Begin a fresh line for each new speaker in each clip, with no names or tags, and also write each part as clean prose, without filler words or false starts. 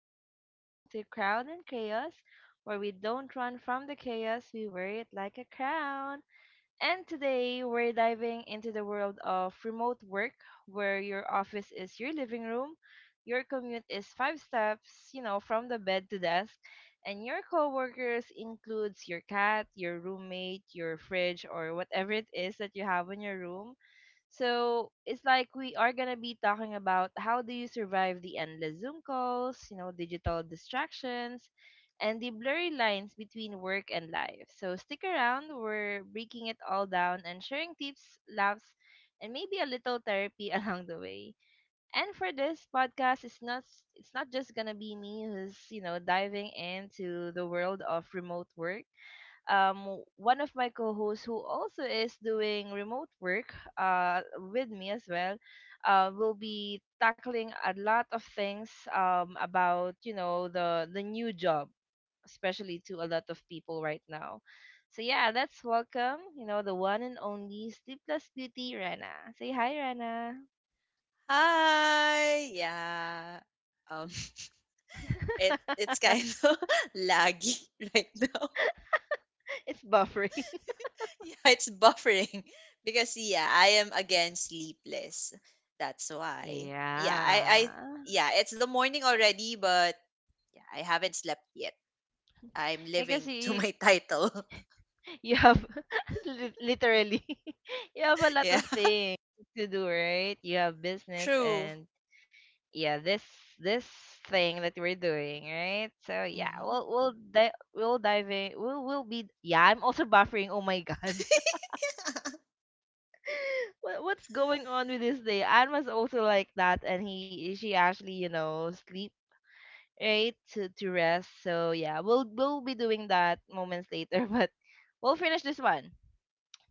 You're listening to Crown and Chaos, where we don't run from the chaos, we wear it like a crown. And today, we're diving into the world of remote work, where your office is your living room, your commute is five steps, you know, from the bed to desk, and your coworkers includes your cat, your roommate, your fridge, or whatever it is that you have in your room. So it's like we are going to be talking about how do you survive the endless Zoom calls, you know, digital distractions, and the blurry lines between work and life. So stick around, we're breaking it all down and sharing tips, laughs, and maybe a little therapy along the way. And for this podcast, it's not just gonna be me who's diving into the world of remote work. One of my co-hosts who also is doing remote work with me as well will be tackling a lot of things about you know the new job, especially to a lot of people right now. So yeah, let's welcome, you know, the one and only sleepless beauty Rana. Say hi, Rana.
Hi. Yeah. Um it's kind of laggy right now.
It's buffering.
Yeah, it's buffering because yeah, I am again sleepless. That's why. Yeah, I
Yeah,
yeah, it's the morning already, but yeah, I haven't slept yet. I'm
because
living to
you
my title.
you have literally you have a lot
Yeah.
of things to do, right? You have business
True.
and yeah, this thing that we're doing, right? So yeah,
Mhm.
we'll dive in. We'll be, yeah, I'm also buffering, oh my god. What's going on with this day? Anne was also like that and he she actually, you know, sleep right to rest. So yeah, we'll be doing that moments later but we'll finish this one.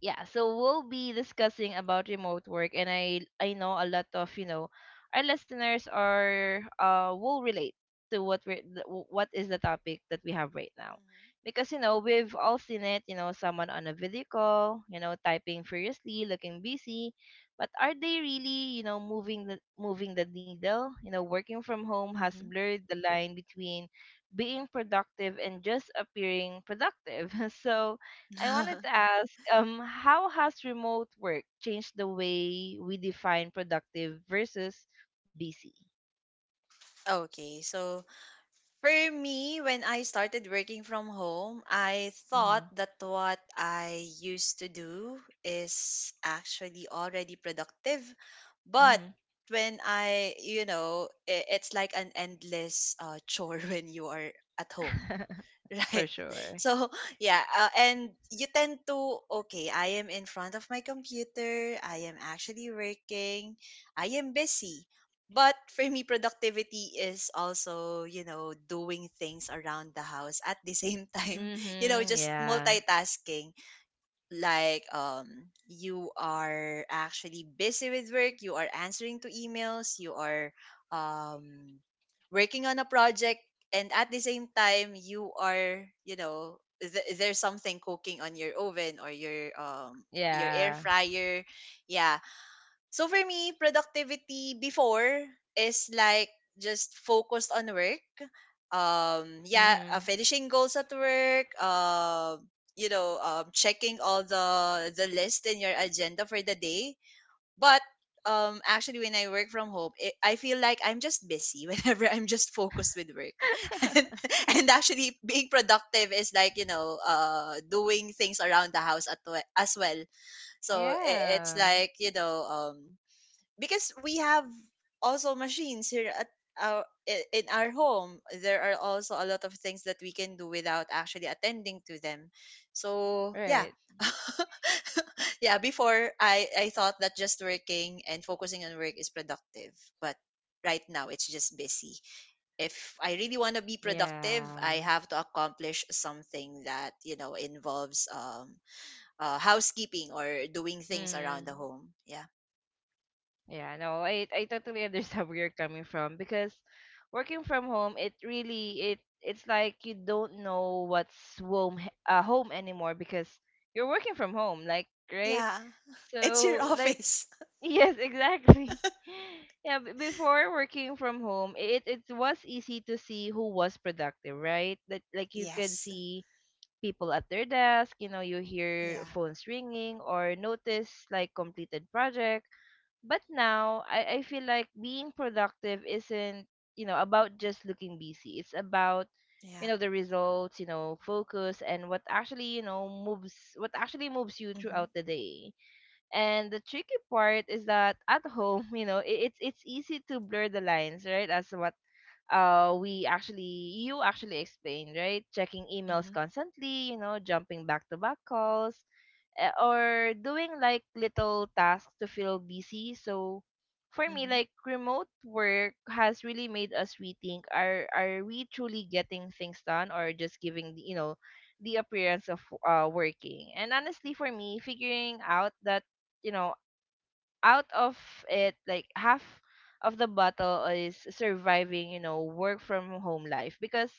Yeah, so we'll be discussing about remote work and I know a lot of, you know, our listeners are will relate to what we what is the topic that we have right now. Because you know, we've all seen it, you know, someone on a video call, you know, typing furiously, looking busy, but are they really, you know, moving the needle? You know, working from home has
Mhm.
blurred the line between being productive and just appearing productive. So I wanted
Mhm.
to ask, how has remote work changed the way we define productive versus busy?
Okay, so, for me, when I started working from home, I
Mm-hmm.
thought that what I used to do is actually already productive. But
Mm-hmm.
when I it's like an endless chore when you are at home,
For
right?
sure.
So yeah, and you tend to, okay, I am in front of my computer, I am actually working, I am busy. But for me productivity is also, you know, doing things around the house at the same time, you know,
Mm-hmm.
just
Yeah.
multitasking, like you are actually busy with work, you are answering to emails, you are um working on a project, and at the same time you are, you know, there's something cooking on your oven or your air
Yeah.
fryer, yeah. So for me, productivity before is like just focused on work. Yeah,
Mm-hmm.
finishing goals at work. You know, checking all the list in your agenda for the day. But actually, when I work from home, I feel like I'm just busy whenever I'm just focused with work. and, and actually, being productive is like, you know, doing things around the house as well. So it's
Yeah.
like, you know, because we have also machines here at our in our home, there are also a lot of things that we can do without actually attending to them, so yeah.
Right.
Yeah, before I thought that just working and focusing on work is productive, but right now it's just busy. If I really want to be productive,
Yeah.
I have to accomplish something that, you know, involves housekeeping or doing things around the
Mm-hmm.
home, yeah.
Yeah, no, I totally understand where you're coming from because working from home, it really it's like you don't know what's home home anymore, because you're working from home, like, right?
Yeah. It's your
So like,
office.
yes, exactly. Yeah, before working from home, it was easy to see who was productive, right? That like you could
Yes.
see people at their desk, you know, you hear
Yeah.
phones ringing or notice like completed projects, but now I feel like being productive isn't, you know, about just looking busy. It's about,
Yeah.
you know, the results, you know, focus and what actually, you know, moves what actually moves you
Mhm.
throughout the day. And the tricky part is that at home, you know, it's easy to blur the lines, right? As what we actually you actually explained, right? Checking emails
Mhm.
constantly, you know, jumping back to back calls, or doing like little tasks to feel busy. So for me,
Mhm.
like remote work has really made us rethink: are we truly getting things done, or just giving the, you know, the appearance of working? And honestly, for me, figuring out that, you know, out of it like half of the battle is surviving, you know, work from home life. Because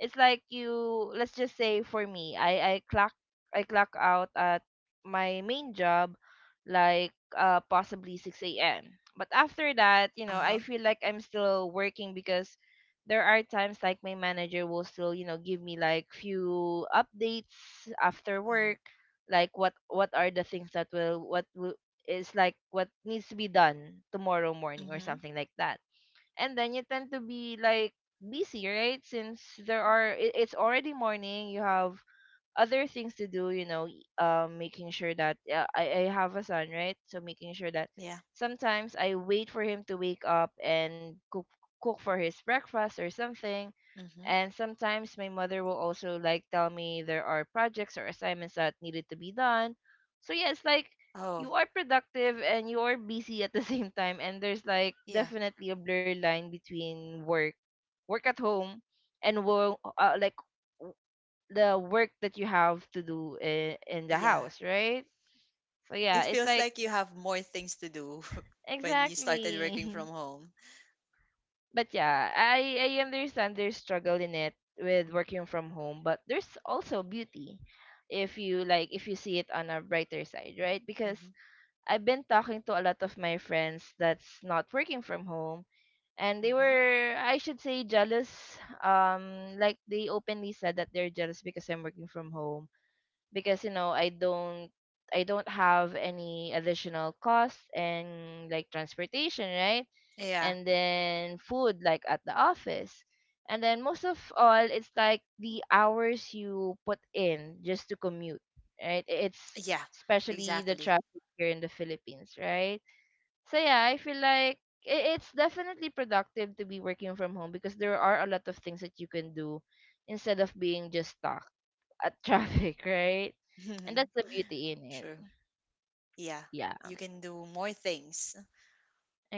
it's like you, let's just say for me I clock out at my main job like possibly 6 a.m, but after that, you know, I
Uh-huh.
feel like I'm still working, because there are times like my manager will still, you know, give me like few updates after
Oh.
work. Like what are the things that will what will, is like what needs to be done tomorrow morning or
Mhm.
something like that. And then you tend to be like busy, right? Since there are, it's already morning, you have other things to do, you know, making sure that I have a son, right? So making sure that
Yeah.
sometimes I wait for him to wake up and cook for his breakfast or something.
Mhm.
And sometimes my mother will also like tell me there are projects or assignments that needed to be done. So yeah, it's like
Oh.
you are productive and you are busy at the same time, and there's like
Yeah.
definitely a blur line between work, work at home, and work like w- the work that you have to do in the
Yeah.
house, right? So yeah,
It
it's
feels
like
like you have more things to do when you started working
exactly.
from home.
But yeah, I understand there's struggle in it with working from home, but there's also beauty if you like if you see it on a brighter side, right? Because
Mhm.
I've been talking to a lot of my friends that's not working from home, and they
Mhm.
were, I should say, jealous. Like they openly said that they're jealous because I'm working from home, because you know, I don't have any additional costs and like transportation, right?
Yeah.
And then food like at the office. And then most of all, it's like the hours you put in just to commute, right? It's
Yeah.
especially the
Exactly.
traffic here in the Philippines, right? So yeah, I feel like i- it's definitely productive to be working from home because there are a lot of things that you can do instead of being just stuck at traffic, right? And that's the beauty in it.
True. Yeah.
Yeah,
You can do more things.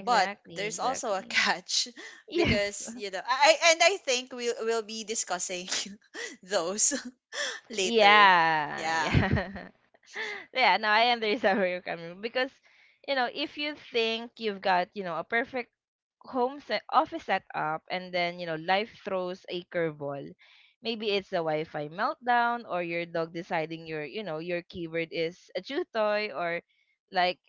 But there's also a
exactly.
catch
Yes,
because, you know, and I think we'll be discussing those later.
yeah,
Yeah.
yeah. Yeah, now I understand where you're coming from because, you know, if you think you've got, you know, a perfect home set office setup and then, you know, life throws a curveball. Maybe it's a Wi-Fi meltdown or your dog deciding your, you know, your keyword is a chew toy, or like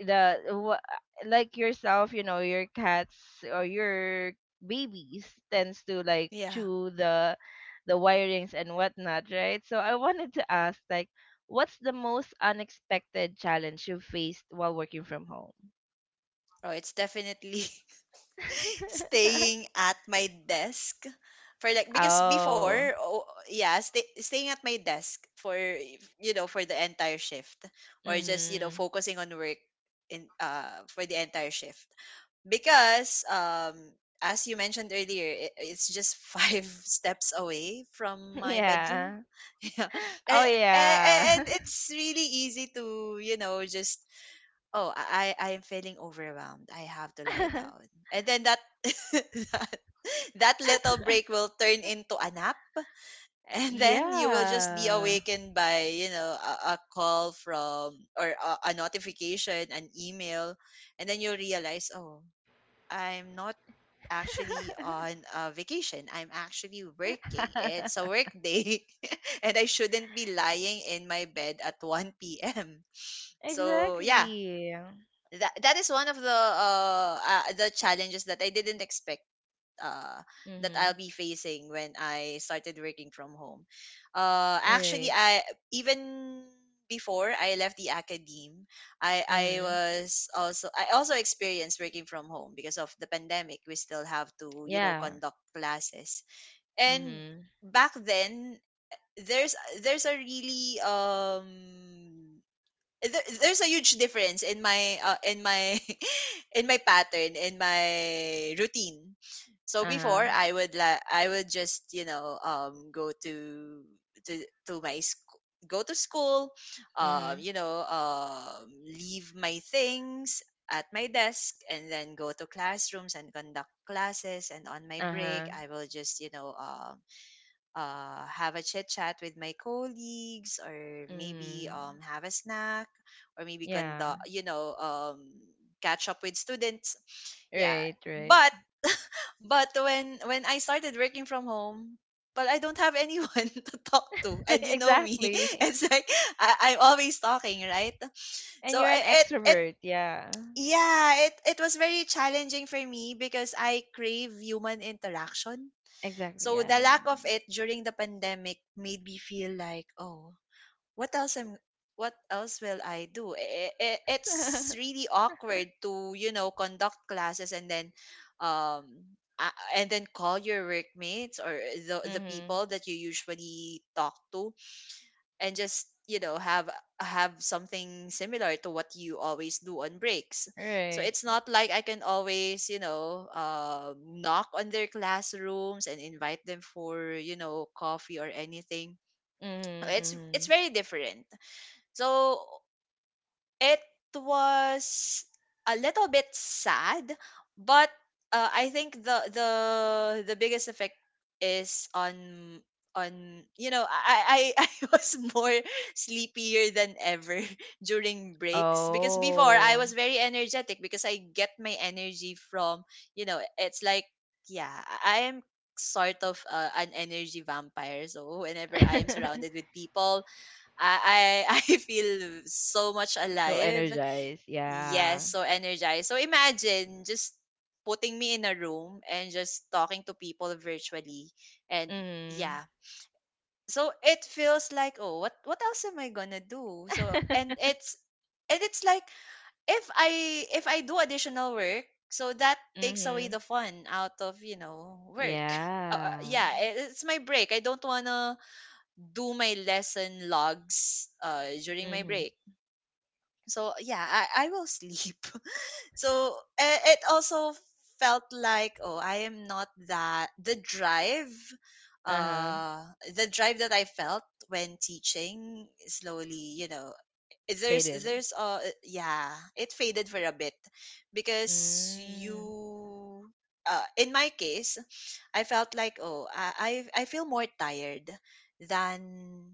the wha- like yourself, you know, your cats or your babies tends to like
Yeah.
chew the wirings and whatnot, right? So I wanted to ask, like, what's the most unexpected challenge you faced while working from home?
Oh, it's definitely staying at my desk for like, because before,
Oh.
oh, yeah, staying at my desk for, you know, for the entire shift, or just, you know,
Mhm.
focusing on work in for the entire shift, because as you mentioned earlier, it, it's just five steps away from my bedroom.
Yeah.
Yeah.
Oh
And, and
yeah.
and it's really easy to, you know, just, oh, I am feeling overwhelmed, I have to lie down. And then that that, that little break will turn into a nap, and then you will just be
Yeah.
awakened by, you know, a call from, or a notification, an email, and then you realize, oh, I'm not actually on a vacation, I'm actually working, it's a work day. And I shouldn't be lying in my bed at 1 p.m. So yeah,
Exactly.
that that is one of the challenges that I didn't expect uh that
Mhm.
I'll be facing when I started working from home. Actually,
Right.
I even before I left the academe, I
Mhm.
was also, I also experienced working from home because of the pandemic, we still have to, you know,
Yeah.
conduct classes. And
Mhm.
back then, there's there's a really there's a huge difference in my in my pattern, in my routine. So
Uh-huh.
before, I would I would just, you know, go to to to my school, go to school,
Mhm.
you know, leave my things at my desk, and then go to classrooms and conduct classes, and on my
Uh-huh.
break I will just, you know, have a chit chat with my colleagues, or maybe
Mhm.
have a snack, or maybe
Yeah.
conduct, you know, catch up with students, yeah.
Right, right.
but but when I started working from home, but I don't have anyone to talk to, and you know me,
Exactly.
it's like, I, I'm always talking, right?
And
So
you're an
it it
extrovert. Yeah.
yeah, it was very challenging for me because I crave human interaction.
Exactly.
So the
Yeah.
lack of it during the pandemic made me feel like, oh, what else am what else will I do? It's really awkward to, you know, conduct classes and then um and then call your workmates or the
Mhm.
people that you usually talk to, and just, you know, have something similar to what you always do on breaks. So
Right.
it's not like I can always, you know, knock on their classrooms and invite them for, you know, coffee or anything.
Mhm.
It's
Mhm.
very different. So it was a little bit sad, but I think the the biggest effect is on, you know, I was more sleepier than ever during breaks because before I
Oh.
was very energetic because I get my energy from, you know, it's like, yeah, I am sort of an energy vampire, so whenever I am surrounded with people, I I feel so much
So
alive.
energized. Yeah.
Yes, so energized. So imagine just putting me in a room and just talking to people virtually. And
Mhm.
yeah. So it feels like, oh, what else am I gonna do? So and it's like, if I, if I do additional work, so that takes away
Mhm.
the fun out of, you know, work.
Yeah.
Yeah, it's my break. I don't wanna do my lesson logs during my
Mhm.
break. So yeah, I will sleep. So it also felt like, oh, I am not that the drive,
Uh-huh.
uh the drive that I felt when teaching slowly, you know,
Faded.
there's yeah, it faded for a bit because
Mm.
you, in my case, I felt like, oh, I feel more tired than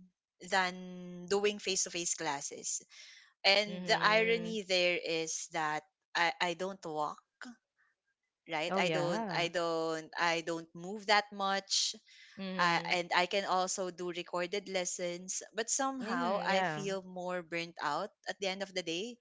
than doing face to face classes. And the
Mhm.
irony there is that I don't walk, right?
Oh
I don't, I
yeah.
don't, I don't move that much.
Mhm.
And I can also do recorded lessons, but somehow
Mhm.
I
Yeah.
feel more burnt out at the end of the day,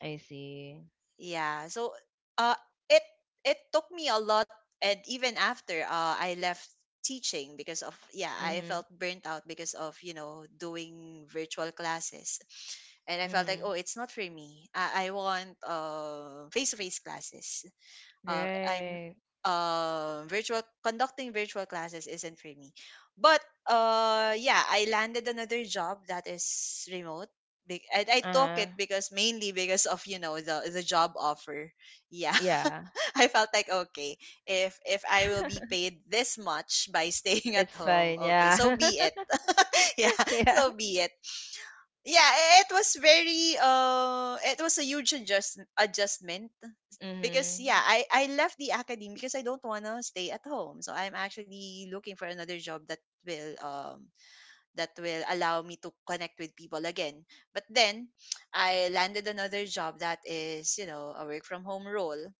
I see.
yeah. So uh it it took me a lot, and even after I left teaching because of, yeah, I felt
Mhm.
burnt out because of, you know, doing virtual classes. And I felt like, oh,
Mhm.
it's not for me. I want face to face classes. I'm
Right.
Virtual, conducting virtual classes isn't for me. But yeah, I landed another job that is remote. And I took
Uh-huh.
it because mainly because of, you know, the job offer. Yeah,
Yeah.
I felt like, okay, if I will be paid this much by staying at
It's
home,
fine.
okay, so
Yeah.
be it. Yeah,
Yeah.
so be it. Yeah, it was very it was a huge adjustment because yeah,
Mhm.
I left the academy because I don't want to stay at home. So I'm actually looking for another job will um that will allow me to connect with people again. But then I landed another job that is, you know, a work from home role.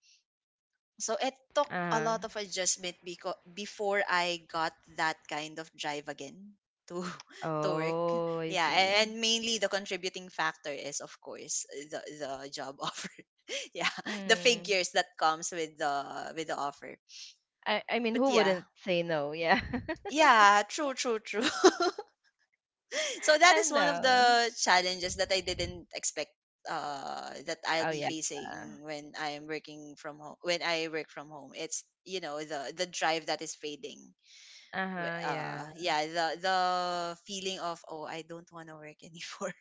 So it took a
Uh-huh.
lot of adjustment because before I got that kind of drive again to to work.
Oh, I
Yeah,
see.
and mainly the contributing factor is, of course, the job offer. Yeah, the
Mhm.
figures that comes with the offer.
I mean,
But
who
yeah.
wouldn't say no? Yeah.
Yeah, true, true, true. So that
I
is one of
know.
the challenges that I didn't expect, that I'll
Oh
be
yeah.
facing when I am working from home, when I work from home, it's, you know, the drive that is fading.
Uh-huh, yeah.
Yeah, the feeling of, oh, I don't want to work anymore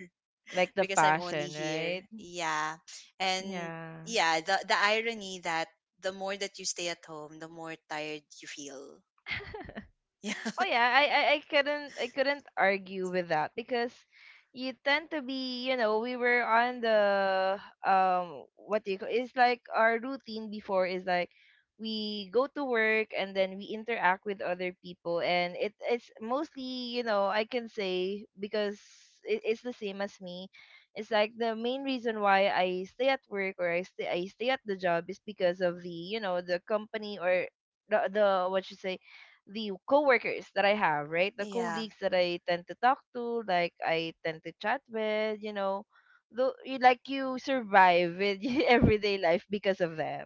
Like the
because I'm only
passion,
here,
right?
yeah. And
Yeah.
yeah, the irony that the more that you stay at home, the more tired you feel. Yeah.
Oh yeah, I couldn't I couldn't argue with that, because you tend to be, you know, we were on the, what do you call it's like our routine before is like we go to work and then we interact with other people, and it it's mostly, you know, I can say because it, it's the same as me. It's like the main reason why I stay at work, or I stay at the job, is because of the, you know, the company or the what you say, the coworkers that I have, right? The
Yeah,
colleagues that I tend to talk to, like I tend to chat with, you know, though you like you survive with everyday life because of them.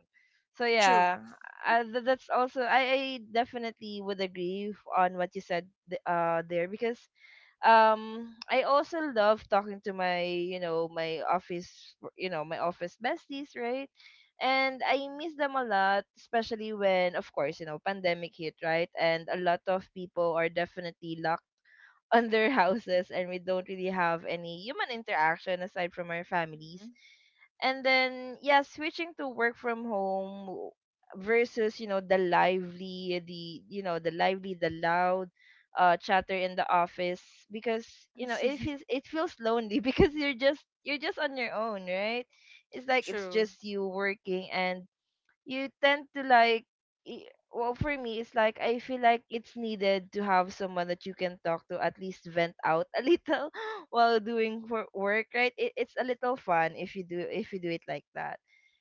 So
true.
yeah, that's also I definitely would agree on what you said there. Because I also love talking to my, you know, my office, you know, my office besties, right? And I miss them a lot, especially when of course, you know, pandemic hit, right? And a lot of people are definitely locked on their houses and we don't really have any human interaction aside from our families. And then, yeah, switching to work from home versus, you know, the lively, the, you know, the lively, the loud chatter in the office. Because, you know,
Mhm.
it feels lonely because you're just on your own, right? It's like it's
True.
just you working, and you tend to like i- well, for me it's like I feel like it's needed to have someone that you can talk to, at least vent out a little while doing for work, right? It's a little fun if you do it like that.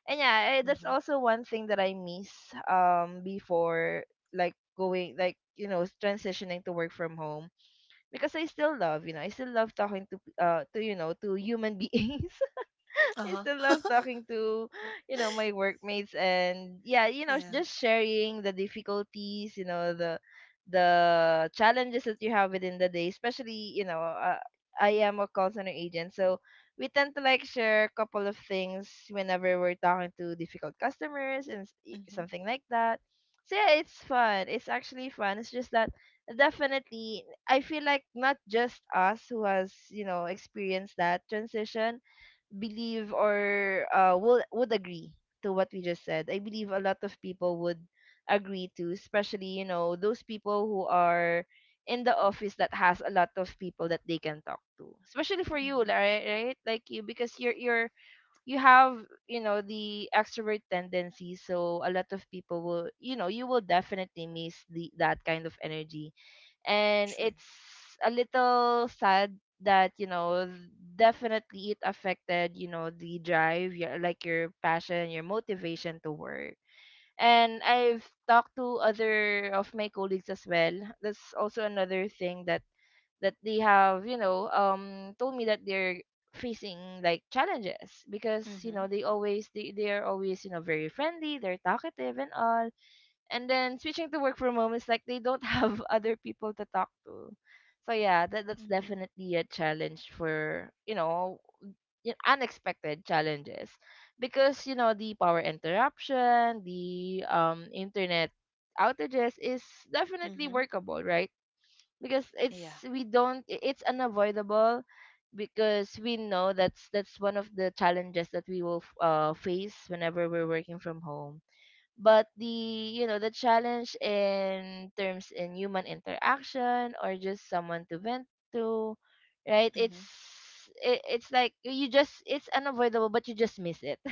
And yeah, that's
Mhm.
also one thing that I miss before, like going, like you know, transitioning to work from home, because I still love, you know, I still love talking to to, you know, to human beings. I
Uh-huh.
still love talking to, you know, my workmates, and yeah, you know,
Yeah.
just sharing the difficulties, you know, the challenges that you have within the day, especially, you know, I am a call center agent, so we tend to like share a couple of things whenever we're talking to difficult customers and
Mhm.
something like that. So yeah, it's fun. It's actually fun. It's just that definitely I feel like not just us who has, you know, experienced that transition believe or will would agree to what we just said. I believe a lot of people would agree to, especially you know, those people who are in the office that has a lot of people that they can talk to. Especially for you,
Mhm.
Lara, right? Like you, because you're you have, you know, the extrovert tendency, so a lot of people will, you know, you will definitely miss the that kind of energy. And
True.
it's a little sad that, you know, definitely it affected, you know, the drive, your like your passion, your motivation to work. And I've talked to other of my colleagues as well. That's also another thing that that they have, you know, told me that they're facing like challenges, because you know
Mhm.
they always they are always, you know, very friendly, they're talkative and all. And then switching to work from home is like they don't have other people to talk to. So yeah, that's
Mhm.
definitely a challenge for, you know, unexpected challenges, because you know the power interruption, the internet outages is definitely
Mhm.
workable, right? Because
Yeah.
it's we don't I- it's unavoidable, because we know that's one of the challenges that we will face whenever we're working from home. But the, you know, the challenge in terms in human interaction, or just someone to vent to, right? It's
Mhm.
it's like you just it's unavoidable, but you just miss it.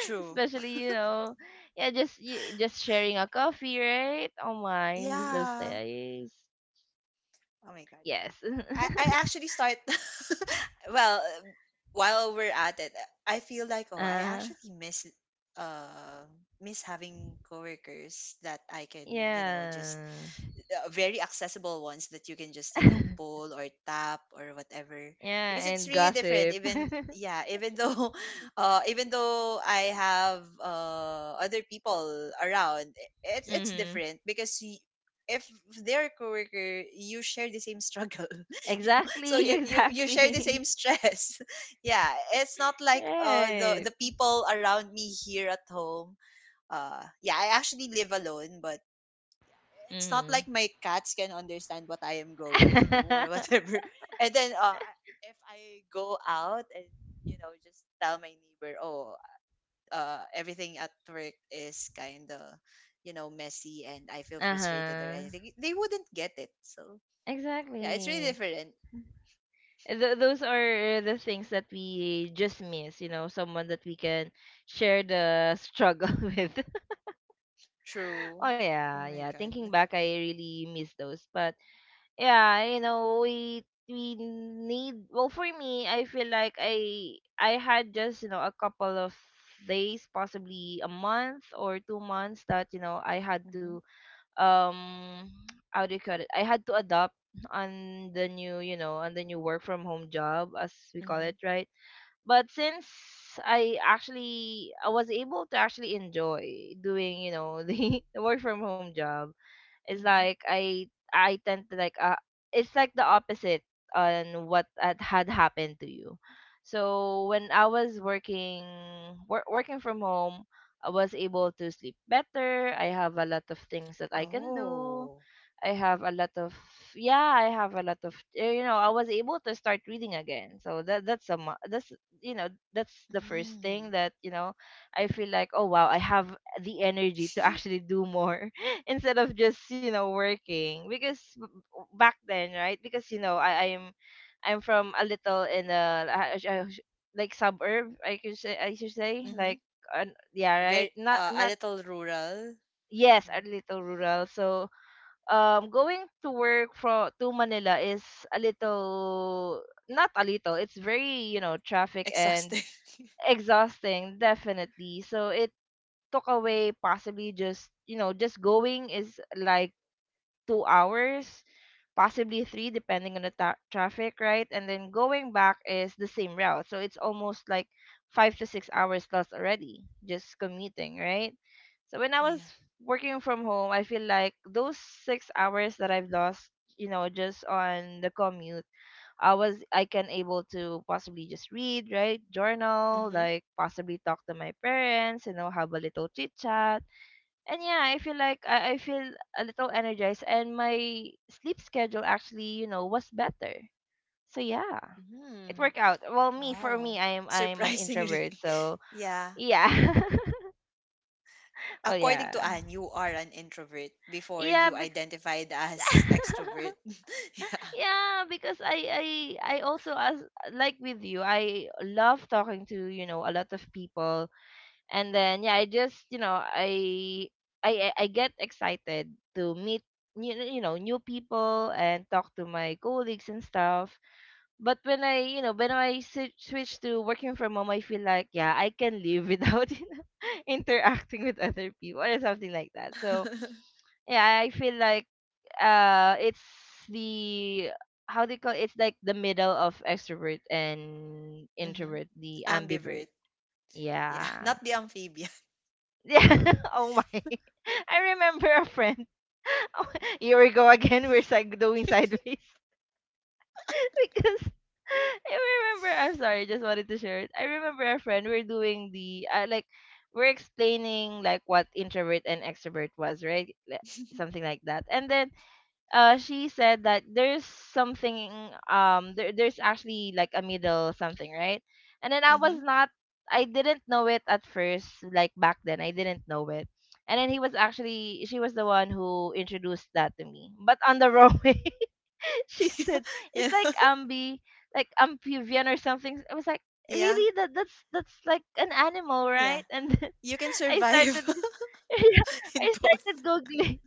True.
Especially you know, yeah, just just sharing a coffee, right? Oh my, miss those
Yeah.
days.
Oh my god.
Yes.
I actually start. Well, while we're at it, I feel like, oh, I
uh,
actually miss uh miss having coworkers that I can, you know, just,
yeah.
very accessible ones that you can just, you know, pull or tap or whatever.
Yeah,
Because it's
and
really different,
gossip.
even, yeah, even though even though I have other people around, it's
Mm-hmm.
different because if they're a coworker, you share the same struggle. So
Exactly,
you you you share the
exactly.
same stress. Yeah, it's not like the
Right.
the people around me here at home. Yeah, I actually live alone. But yeah, it's not
Mm-hmm.
like my cats can understand what I am going through or whatever. And then if I go out and, you know, just tell my neighbor, oh, everything at work is kind of, you know, messy and I feel frustrated or
Uh-huh.
anything, they wouldn't get it. So yeah, it's really
Exactly.
different.
Those are the things that we just miss, you know, someone that we can share the struggle with. Oh
True.
yeah,
Oh
yeah.
my god.
Thinking back, I really miss those. But yeah, you know, we need, well for me I feel like I had just, you know, a couple of days, possibly a month or 2 months, that you know I had to
Mm-hmm.
um how do you call it, I had to adopt on the new, you know, on the new work from home job, as we call
Mm-hmm.
it, right? But since I actually, I was able to actually enjoy doing, you know, the work from home job. It's
Mm-hmm.
like I tend to like it's like the opposite on what had happened to you. So when I was working working from home, I was able to sleep better. I have a lot of things that I can do.
Oh.
I have a lot of Yeah, I have a lot of you know, I was able to start reading again. So that's that's, you know, that's the first
Mm.
thing that, you know, I feel like, oh wow, I have the energy to actually do more instead of just, you know, working. Because back then, right? Because you know, I'm from a little in a like suburb, I could say, I should say
Mm-hmm.
like uh, yeah, right?
Very a
Not
little rural.
yes, a
Yeah.
little rural. So going to work from to Manila is a little, not a little, it's very, you know, traffic and
Exhausting.
exhausting, definitely. So it took away possibly, just you know, just going is like 2 hours, possibly three, depending on the traffic, right? And then going back is the same route. So it's almost like 5 to 6 hours lost already, just commuting, right? So when I was
Yeah.
working from home, I feel like those 6 hours that I've lost, you know, just on the commute, I can able to possibly just read, right? Journal,
Mhm.
like possibly talk to my parents, you know, have a little chit chat. And yeah, I feel like I feel a little energized, and my sleep schedule actually, you know, was better. So yeah, it
Mhm.
worked out. Well, me for me,
Wow.
I'm an
Surprisingly.
introvert, so
Yeah.
yeah. Oh yeah,
According to Anne, you are an introvert before
yeah,
you identified as extrovert. Yeah.
yeah, because I also, as like with you, I love talking to, you know, a lot of people. And then yeah, I just, you know, I I get excited to meet you know, new people, and talk to my colleagues and stuff. But when I, you know, when I switch to working from home, I feel like yeah, I can live without you know, interacting with other people or something like that. So yeah, I feel like it's the, how they call it's like the middle of extrovert and
Mhm.
introvert, the ambivert.
Ambivert. Yeah.
Yeah.
Not the amphibian.
Yeah. Oh my. I remember a friend. Oh, here we go again. We're doing sideways because I remember. I'm sorry, just wanted to share it. I remember a friend. We're doing the like, we're explaining like what introvert and extrovert was, right? Like, something like that. And then she said that there's something, there's actually like a middle something, right? And then I was
Mhm.
not I didn't know it at first, like back then I didn't know it. And then he was actually she was the one who introduced that to me, but on the wrong way. She said it's
Yeah.
like ambi, like amphibian or something. I was like,
Yeah.
really? That that's like an animal,
Yeah.
right? And
You can
I started
survive in
i
both.
started googling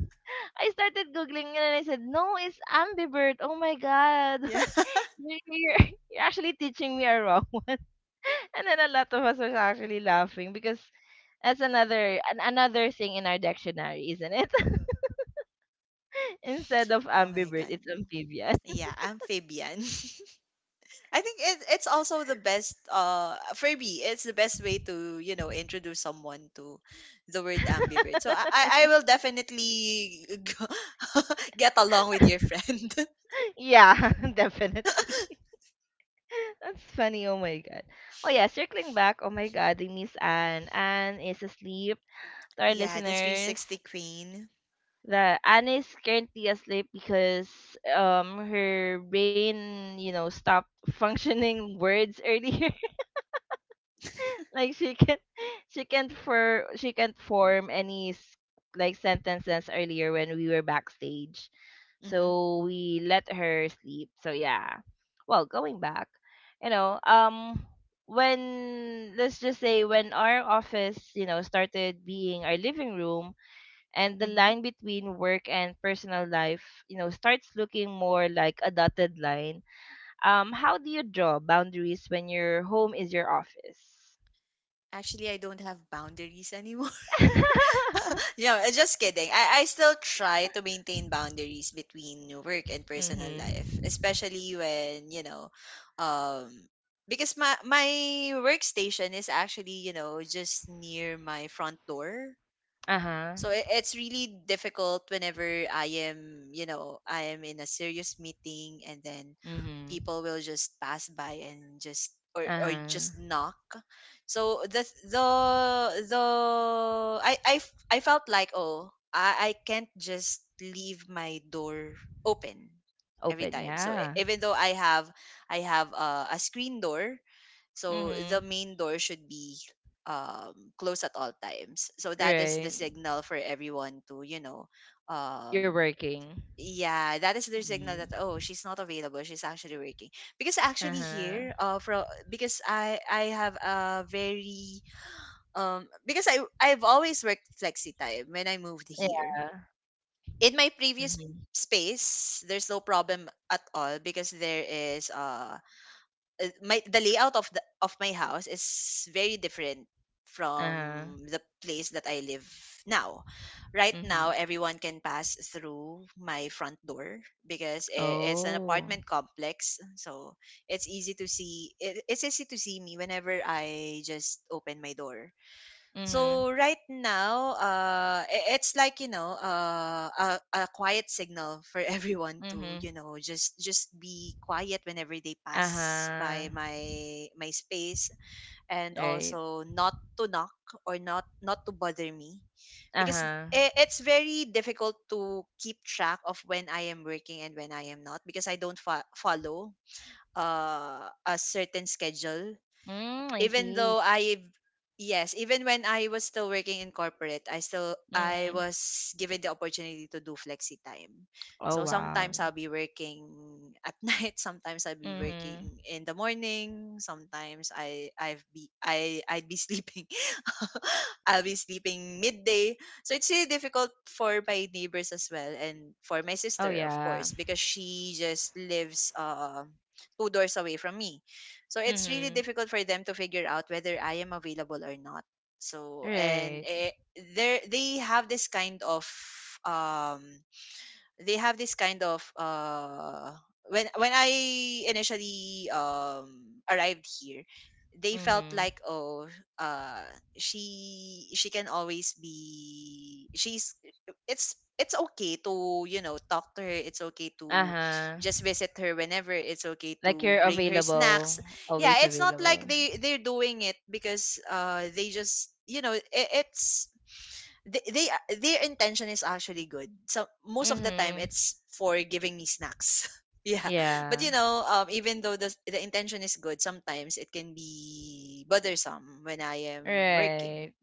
I started googling it, and I said, "No, it's ambivert." Oh my god,
Yeah.
you're, you're you're actually teaching me a wrong one. And then a lot of us was actually laughing, because that's another thing in our dictionary, isn't it? Instead of
Oh my
ambivert,
god.
it's amphibian.
Yeah, amphibian. I think it's also the best, for me it's the best way to, you know, introduce someone to the word ambivert. So I I I will definitely go- get along with your friend.
Yeah, definitely. That's funny. Oh my god. Oh yeah, circling back. Oh my god, we miss Anne. Anne is asleep. To our
Yeah, the
listeners,
360 queen.
that Anna is currently asleep because her brain, you know, stopped functioning words earlier. Like she can't for she can't form any like sentences earlier when we were backstage,
Mhm.
so we let her sleep. So yeah, well, going back, you know, when, let's just say when our office, you know, started being our living room, and the
Mhm.
line between work and personal life, you know, starts looking more like a dotted line, how do you draw boundaries when your home is your office?
Actually, I don't have boundaries anymore. No, I just kidding. I still try to maintain boundaries between work and personal
Mhm.
life, especially when, you know, um, because my workstation is actually, you know, just near my front door.
Uh-huh.
So it's really difficult whenever I am, you know, I am in a serious meeting and then
Mhm.
people will just pass by and just, or
Uh-huh.
just knock. So the I felt like, oh, I can't just leave my door open every
Open,
time. So
yeah.
even though I have a screen door, so the
Mhm.
main door should be, close at all times. So that is the
Right.
signal for everyone to, you know,
You're
um,
working.
yeah, that is their signal
Mhm.
that, oh, she's not available. She's actually working. Because actually
Uh-huh.
here, for, because I have a very, because I've always worked flexi time when I moved here.
Yeah.
In my previous
Mhm.
space, there's no problem at all because there is, my the layout of the of my house is very different
Uh-huh.
from the place that I live now. Right now,
Mhm.
everyone can pass through my front door because it's an
Oh.
apartment complex, so it's easy to see. It's easy to see me whenever I just open my door.
Mhm.
So right now, it's like, you know, a quiet signal for everyone to,
Mhm.
you know, just be quiet whenever they pass
Uh-huh.
by my space, and
Right.
also not to knock or not to bother me. Because
Uh-huh.
it's very difficult to keep track of when I am working and when I am not, because I don't follow, a certain schedule.
Mm, I
Even
see.
though I've, yes, even when I was still working in corporate, I
Mm.
was given the opportunity to do flexi time.
Oh,
So
wow.
sometimes I'll be working at night, sometimes I'll be
Mm-hmm.
working in the morning, sometimes I'd be sleeping. I'll be sleeping midday. So it's really difficult for my neighbors as well, and for my
Oh
sister of
yeah.
course, because she just lives two doors away from me. So it's really
Mm-hmm.
difficult for them to figure out whether I am available or not. So and,
Right.
there they have this kind of, um they have this kind of uh when I initially arrived here, they felt
Mm-hmm.
like, oh, uh she can always be, she's it's okay to, you know, talk to her, it's okay to
Uh-huh.
just visit her whenever, it's okay
Like
to
you're
bring her
available,
snacks. Yeah,
always
it's not
available.
like they're doing it because they just, you know, it, it's they a- their intention is actually good. So most of the time
Mm-hmm.
it's for giving me snacks. Yeah. But,
Yeah.
you know, even though the intention is good, sometimes it can be bothersome when I am working.
Right.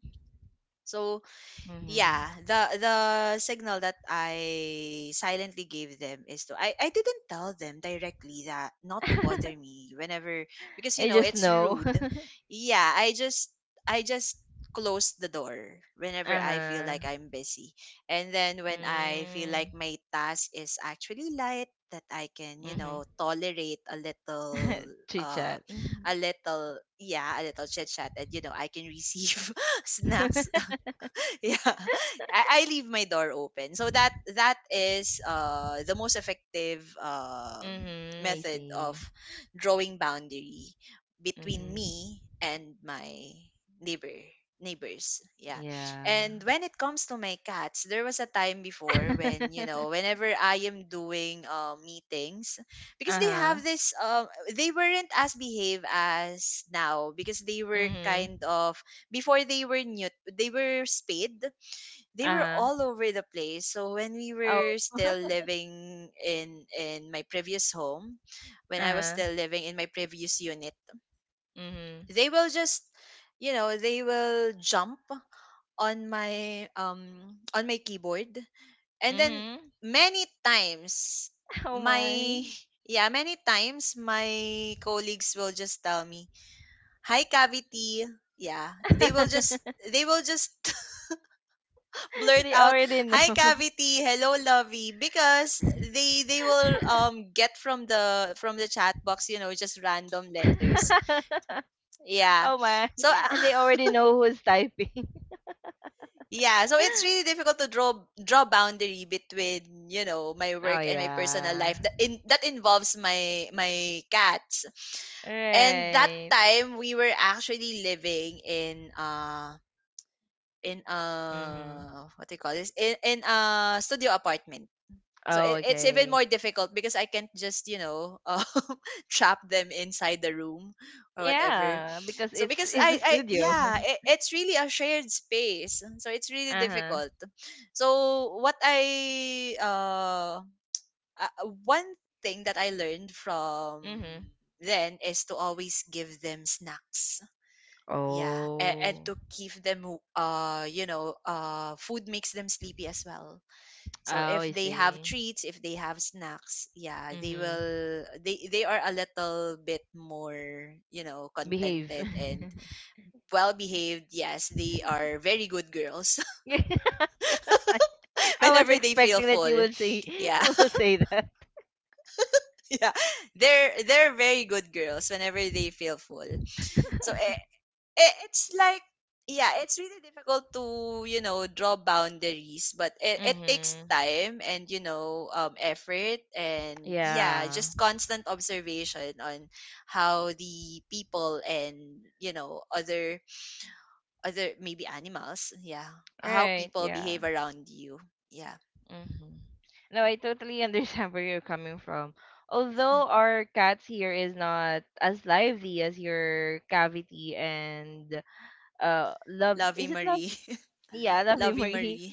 So
Mm-hmm.
yeah, the signal that I silently gave them is, to I didn't tell them directly that not to bother me whenever, because, you
I
know,
just
it's
know.
rude. Yeah, I just close the door whenever I feel
Uh-huh.
like I'm busy. And then when I feel
Mm.
like my task is actually light, that I can, you
Mm-hmm.
know, tolerate
Chit
uh
chat.
a little chit chat, and, you know, I can receive snacks. Yeah. I leave my door open, so that that is the most effective
Mm-hmm. I
method of
see.
drawing boundary between
Mm-hmm.
me and my neighbor neighbors. Yeah.
Yeah.
And when it comes to my cats, there was a time before when, you know, whenever I am doing, meetings, because they
Uh-huh.
have this, they weren't as behave as now because they were
Mm-hmm.
kind of before. They were new, they were spayed, they were
Uh-huh.
all over the place. So when we
Oh.
were still living in my previous home, when I was
Uh-huh.
still living in my previous unit,
Mhm.
they will just, you know, they will jump on my keyboard. And then
Mhm.
many times
Oh
my
my.
yeah many times my colleagues will just tell me, "Hi Cavity." Yeah, they will just they will just blurt
They
out,
already
"Hi
know.
Cavity, hello Lovey," because they will get from the chat box, you know, just random letters. Yeah.
Oh my.
So
And they already know who's typing.
yeah, so it's really difficult to draw boundary between, you know, my
Oh
work and my personal
yeah.
life that, in that involves my cats. And that
Right.
time, we were actually living in,
Mhm.
what do you call this, in, a studio apartment. So
Oh,
it's even
okay.
more difficult because I can't just, you know, trap them inside the room or whatever.
Yeah, because
So because
it's a
I
studio.
yeah it's really a shared space, and so it's really
Uh-huh.
difficult. So what I one thing that I learned from
Mhm.
then is to always give them snacks. Yeah, and
Oh.
to keep them, you know, food makes them sleepy as well. So
Oh,
if
I
they have
see.
treats, if they have snacks, yeah, they
Mhm.
will they are a little bit more, you know,
Behave.
contented and well behaved. Yes, they are very good girls
I was
whenever they feel
expecting that you
full.
will say
Yeah.
you will say that.
Yeah. They're very good girls whenever they feel full. So, it's like, yeah, it's really difficult to, you know, draw boundaries, but it takes
Mm-hmm.
time and, you know, effort and, yeah,
Yeah.
just constant observation on how the people and, you know, other, maybe animals, yeah, how
Right.
people
Yeah.
behave around you. Yeah.
Mm-hmm. No, I totally understand where you're coming from. Although our cats here is not as lively as your Cavity and Love,
Lovey
is it Love?
Marie.
Yeah, the
Lovey
memory.
Marie.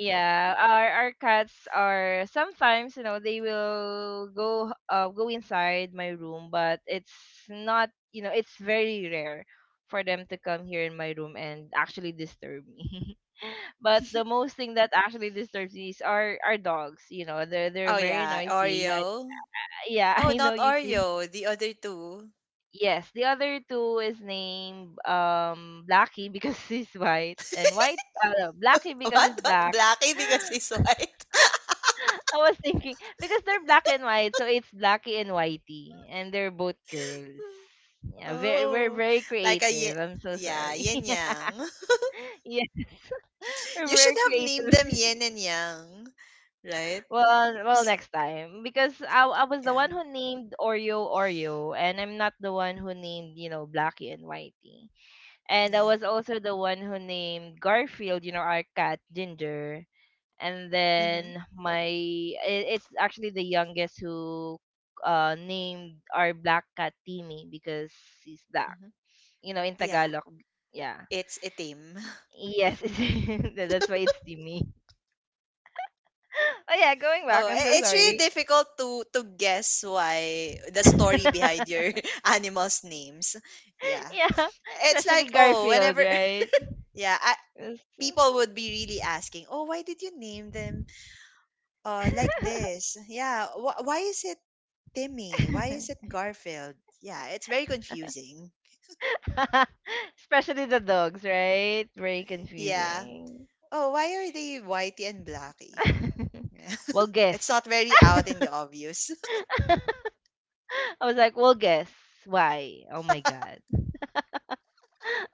Yeah, our cats are sometimes, you know, they will go go inside my room, but it's not, you know, it's very rare for them to come here in my room and actually disturb me. But the most thing that actually disturbs me is our dogs. You know, they're
Oh,
very
yeah,
noisy.
Oreo.
Yeah,
Oh,
I know
not
you can.
Oreo, the other two.
Yes, the other two is named Blackie because he's white and white no, Blackie because
what
he's
what
black.
Blackie because he's white?
I was thinking because they're black and white, so it's Blackie and Whitey, and they're both girls. Yeah, very, we're
Oh,
very
like a yin,
creative. I'm so
yeah,
sorry.
yin yang.
Yes, we're
You should
very
have named them
creative.
yin and yang, right?
Well, well,
S-
next time, because I was the
Yeah,
one who named Oreo Oreo, and I'm not the one who named, you know, Blackie and Whitey. And I
yeah.
was also the one who named Garfield, you know, our cat, Ginger. And
Mm-hmm,
then It's actually the youngest who named our black cat Timmy because he's black.
mm-hmm.
You know, in
Yeah,
Tagalog. Yeah.
it's a team.
Yes, that's why it's Timmy. Oh yeah, going
Oh,
back, I'm so
it's really
sorry.
difficult to guess why, the story behind your animals' names. Yeah,
Yeah,
it's
especially
like, oh,
Garfield,
whenever
right?
yeah,
Yes.
people would be really asking, oh, why did you name them like this? Yeah, why is it Timmy? Why is it Garfield? Yeah, it's very confusing.
Especially the dogs, right? Very
Yeah.
confusing.
Oh, why are they Whitey and Blackie? Yeah.
Well,
It's
guess.
not very out in the obvious.
I was like, well, guess why? Oh my god.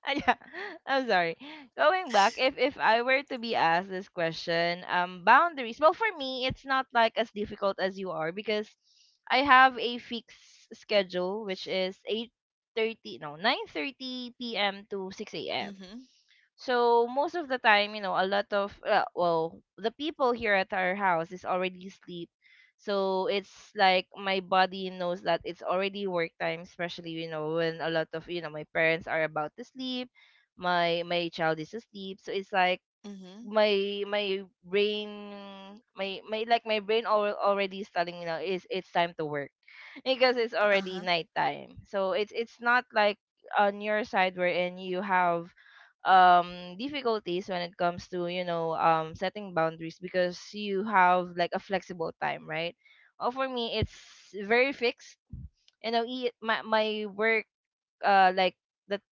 Ah, yeah. I'm sorry. Going back, if I were to be asked this question, boundaries. Well, for me, it's not like as difficult as you are because I have a fixed schedule, which is 8:30, no, 9:30 p.m. to six a.m.
Mhm.
So most of the time, you know, a lot of well, the people here at our house is already asleep. So it's like my body knows that it's already work time, especially you know when a lot of you know my parents are about to sleep, my child is asleep. So it's like
Mhm.
my my brain my my brain already is telling me now is it's time to work because it's already
Uh-huh.
nighttime, so it's not like on your side wherein you have difficulties when it comes to you know setting boundaries because you have like a flexible time, right? Well, for me it's very fixed, you know, my work like the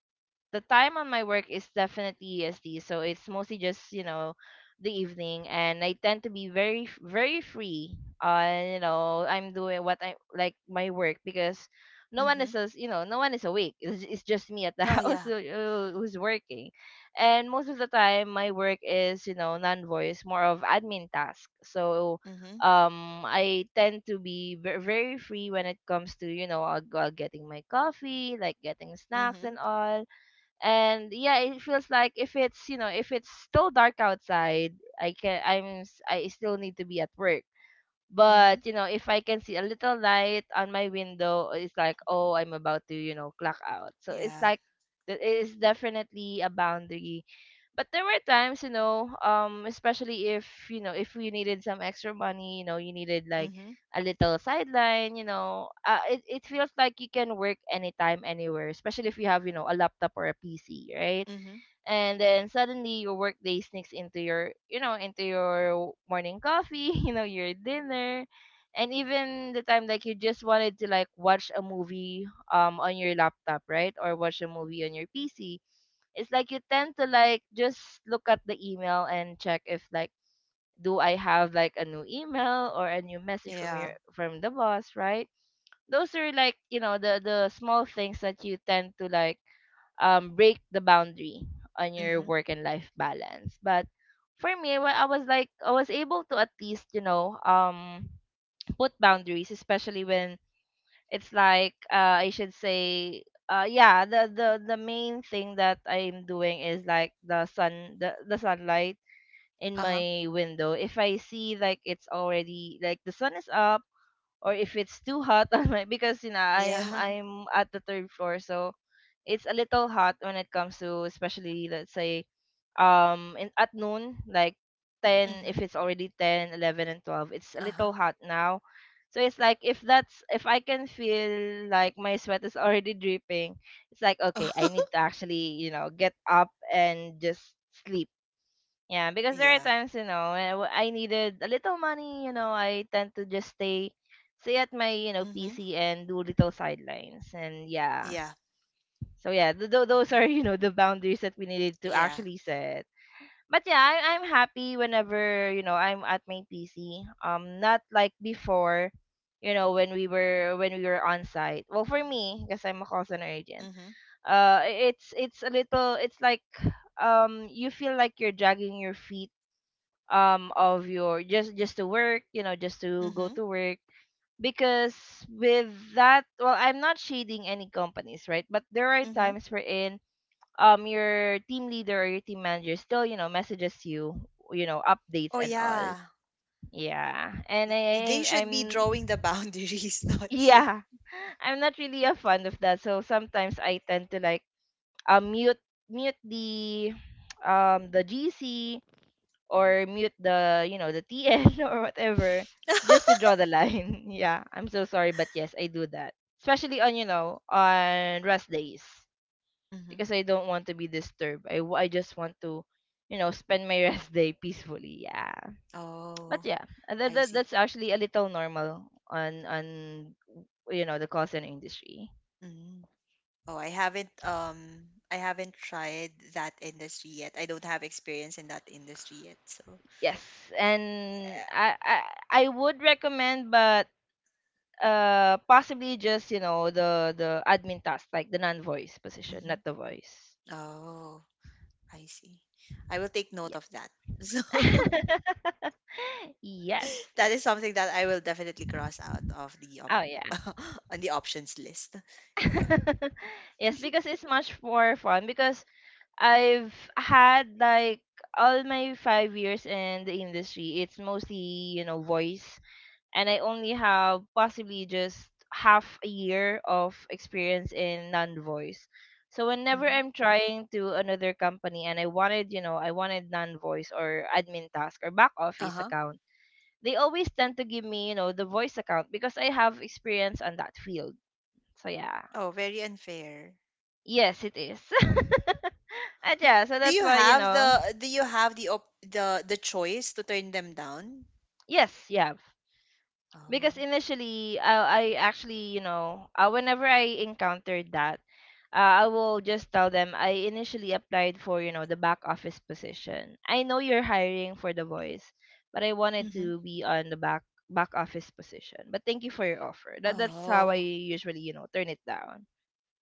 the time on my work is definitely EST, so it's mostly just you know the evening, and I tend to be very very free. You know, I'm doing what I like my work because no one is
Mhm.
as you know no one is awake. It's just me at the
Oh
house
yeah.
who's working, and most of the time my work is you know non-voice, more of admin task. So
Mhm.
I tend to be very free when it comes to you know getting my coffee, like getting snacks
Mhm.
and all. And yeah, it feels like if it's you know if it's still dark outside, I can I'm s- I still need to be at work.
Mhm.
But you know, if I can see a little light on my window, it's like, oh, I'm about to you know clock out. So it's
Yeah.
like it is definitely a boundary. But there were times, you know, especially if you know if we needed some extra money, you know, you needed like
Mhm.
a little sideline, you know, it feels like you can work anytime anywhere, especially if you have you know a laptop or a PC, right?
Mhm.
And then suddenly your workday sneaks into your you know into your morning coffee, you know, your dinner, and even the time like you just wanted to like watch a movie on your laptop, right? Or watch a movie on your PC. It's like you tend to like just look at the email and check if, like, do I have like a new email or a new message
Yeah.
from the boss, right? Those are, like, you know, the small things that you tend to like break the boundary on your
Mhm.
work and life balance. But for me, when I was like I was able to at least, you know, put boundaries, especially when it's like I should say, yeah, the main thing that I'm doing is like the sunlight in
Uh-huh.
my window. If I see like it's already like the sun is up, or if it's too hot on my, because you know I'm
Yeah.
I'm at the third floor, so it's a little hot when it comes to, especially let's say, in at noon, like 10, if
Mhm.
it's already 10, 11, and 12, it's a
Uh-huh.
little hot now. So it's like if that's if I can feel like my sweat is already dripping, it's like, okay, I need to actually you know get up and just sleep. Yeah, because there are
Yeah.
times you know when I needed a little money, you know, I tend to just stay at my you know
Mhm.
PC and do little sidelines. And yeah,
Yeah.
so yeah
Mhm.
those are you know the boundaries that we needed to
Yeah.
actually set. But yeah, I'm happy whenever you know I'm at my PC. Not like before, you know, when we were on site. Well, for me, because I'm a call center agent,
Mhm.
it's a little. It's like you feel like you're dragging your feet, of your just to work, you know, just to go
Mhm.
to work. Because with that, well, I'm not shading any companies, right? But there are
Mhm.
times we're in, your team leader or your team manager still you know messages you, you know, updates
Oh,
and all.
yeah.
Yeah, and
They should be
I'm
drawing the boundaries, not you.
yeah, I'm not really a fan of that. So sometimes I tend to, like, um mute mute the the GC, or mute the you know the TN or whatever, just to draw the line. Yeah, I'm so sorry, but yes, I do that, especially on you know on rest days,
Mhm.
because I don't want to be disturbed. I just want to, you know, spend my rest day peacefully. Yeah. But
Oh,
yeah,
I
that
see.
that's actually a little normal on you know the call center industry.
Mm. Oh, I haven't tried that industry yet. I don't have experience in that industry yet. So,
Yes, and
yeah.
I would recommend, but possibly just you know the admin task, like the non-voice position,
Hmm.
not the voice.
Oh, I see. I will take note of that. So,
Yeah. Yes.
that is something that I will definitely cross out of the op.
Oh yeah.
On the options list. Yeah.
Yes, because it's much more fun. Because I've had like all my 5 years in the industry, it's mostly, you know, voice. And I only have possibly just half a year of experience in non voice. So whenever
Mhm.
I'm trying to another company and I wanted, you know, I wanted non voice or admin task or back office
Uh-huh.
account, they always tend to give me, you know, the voice account because I have experience on that field. So yeah.
Oh, very unfair.
Yes, it is. And yeah, so
Do
that's
you
why, you
have
know...
the, the choice to turn them down?
Yes, yeah. Because
Oh.
initially, I actually, you know, whenever I encountered that, I will just tell them I initially applied for, you know, the back office position. I know you're hiring for the voice, but I wanted
Mm-hmm.
to be on the back office position. But thank you for your offer. That's how I
Oh.
usually, you know, turn it down.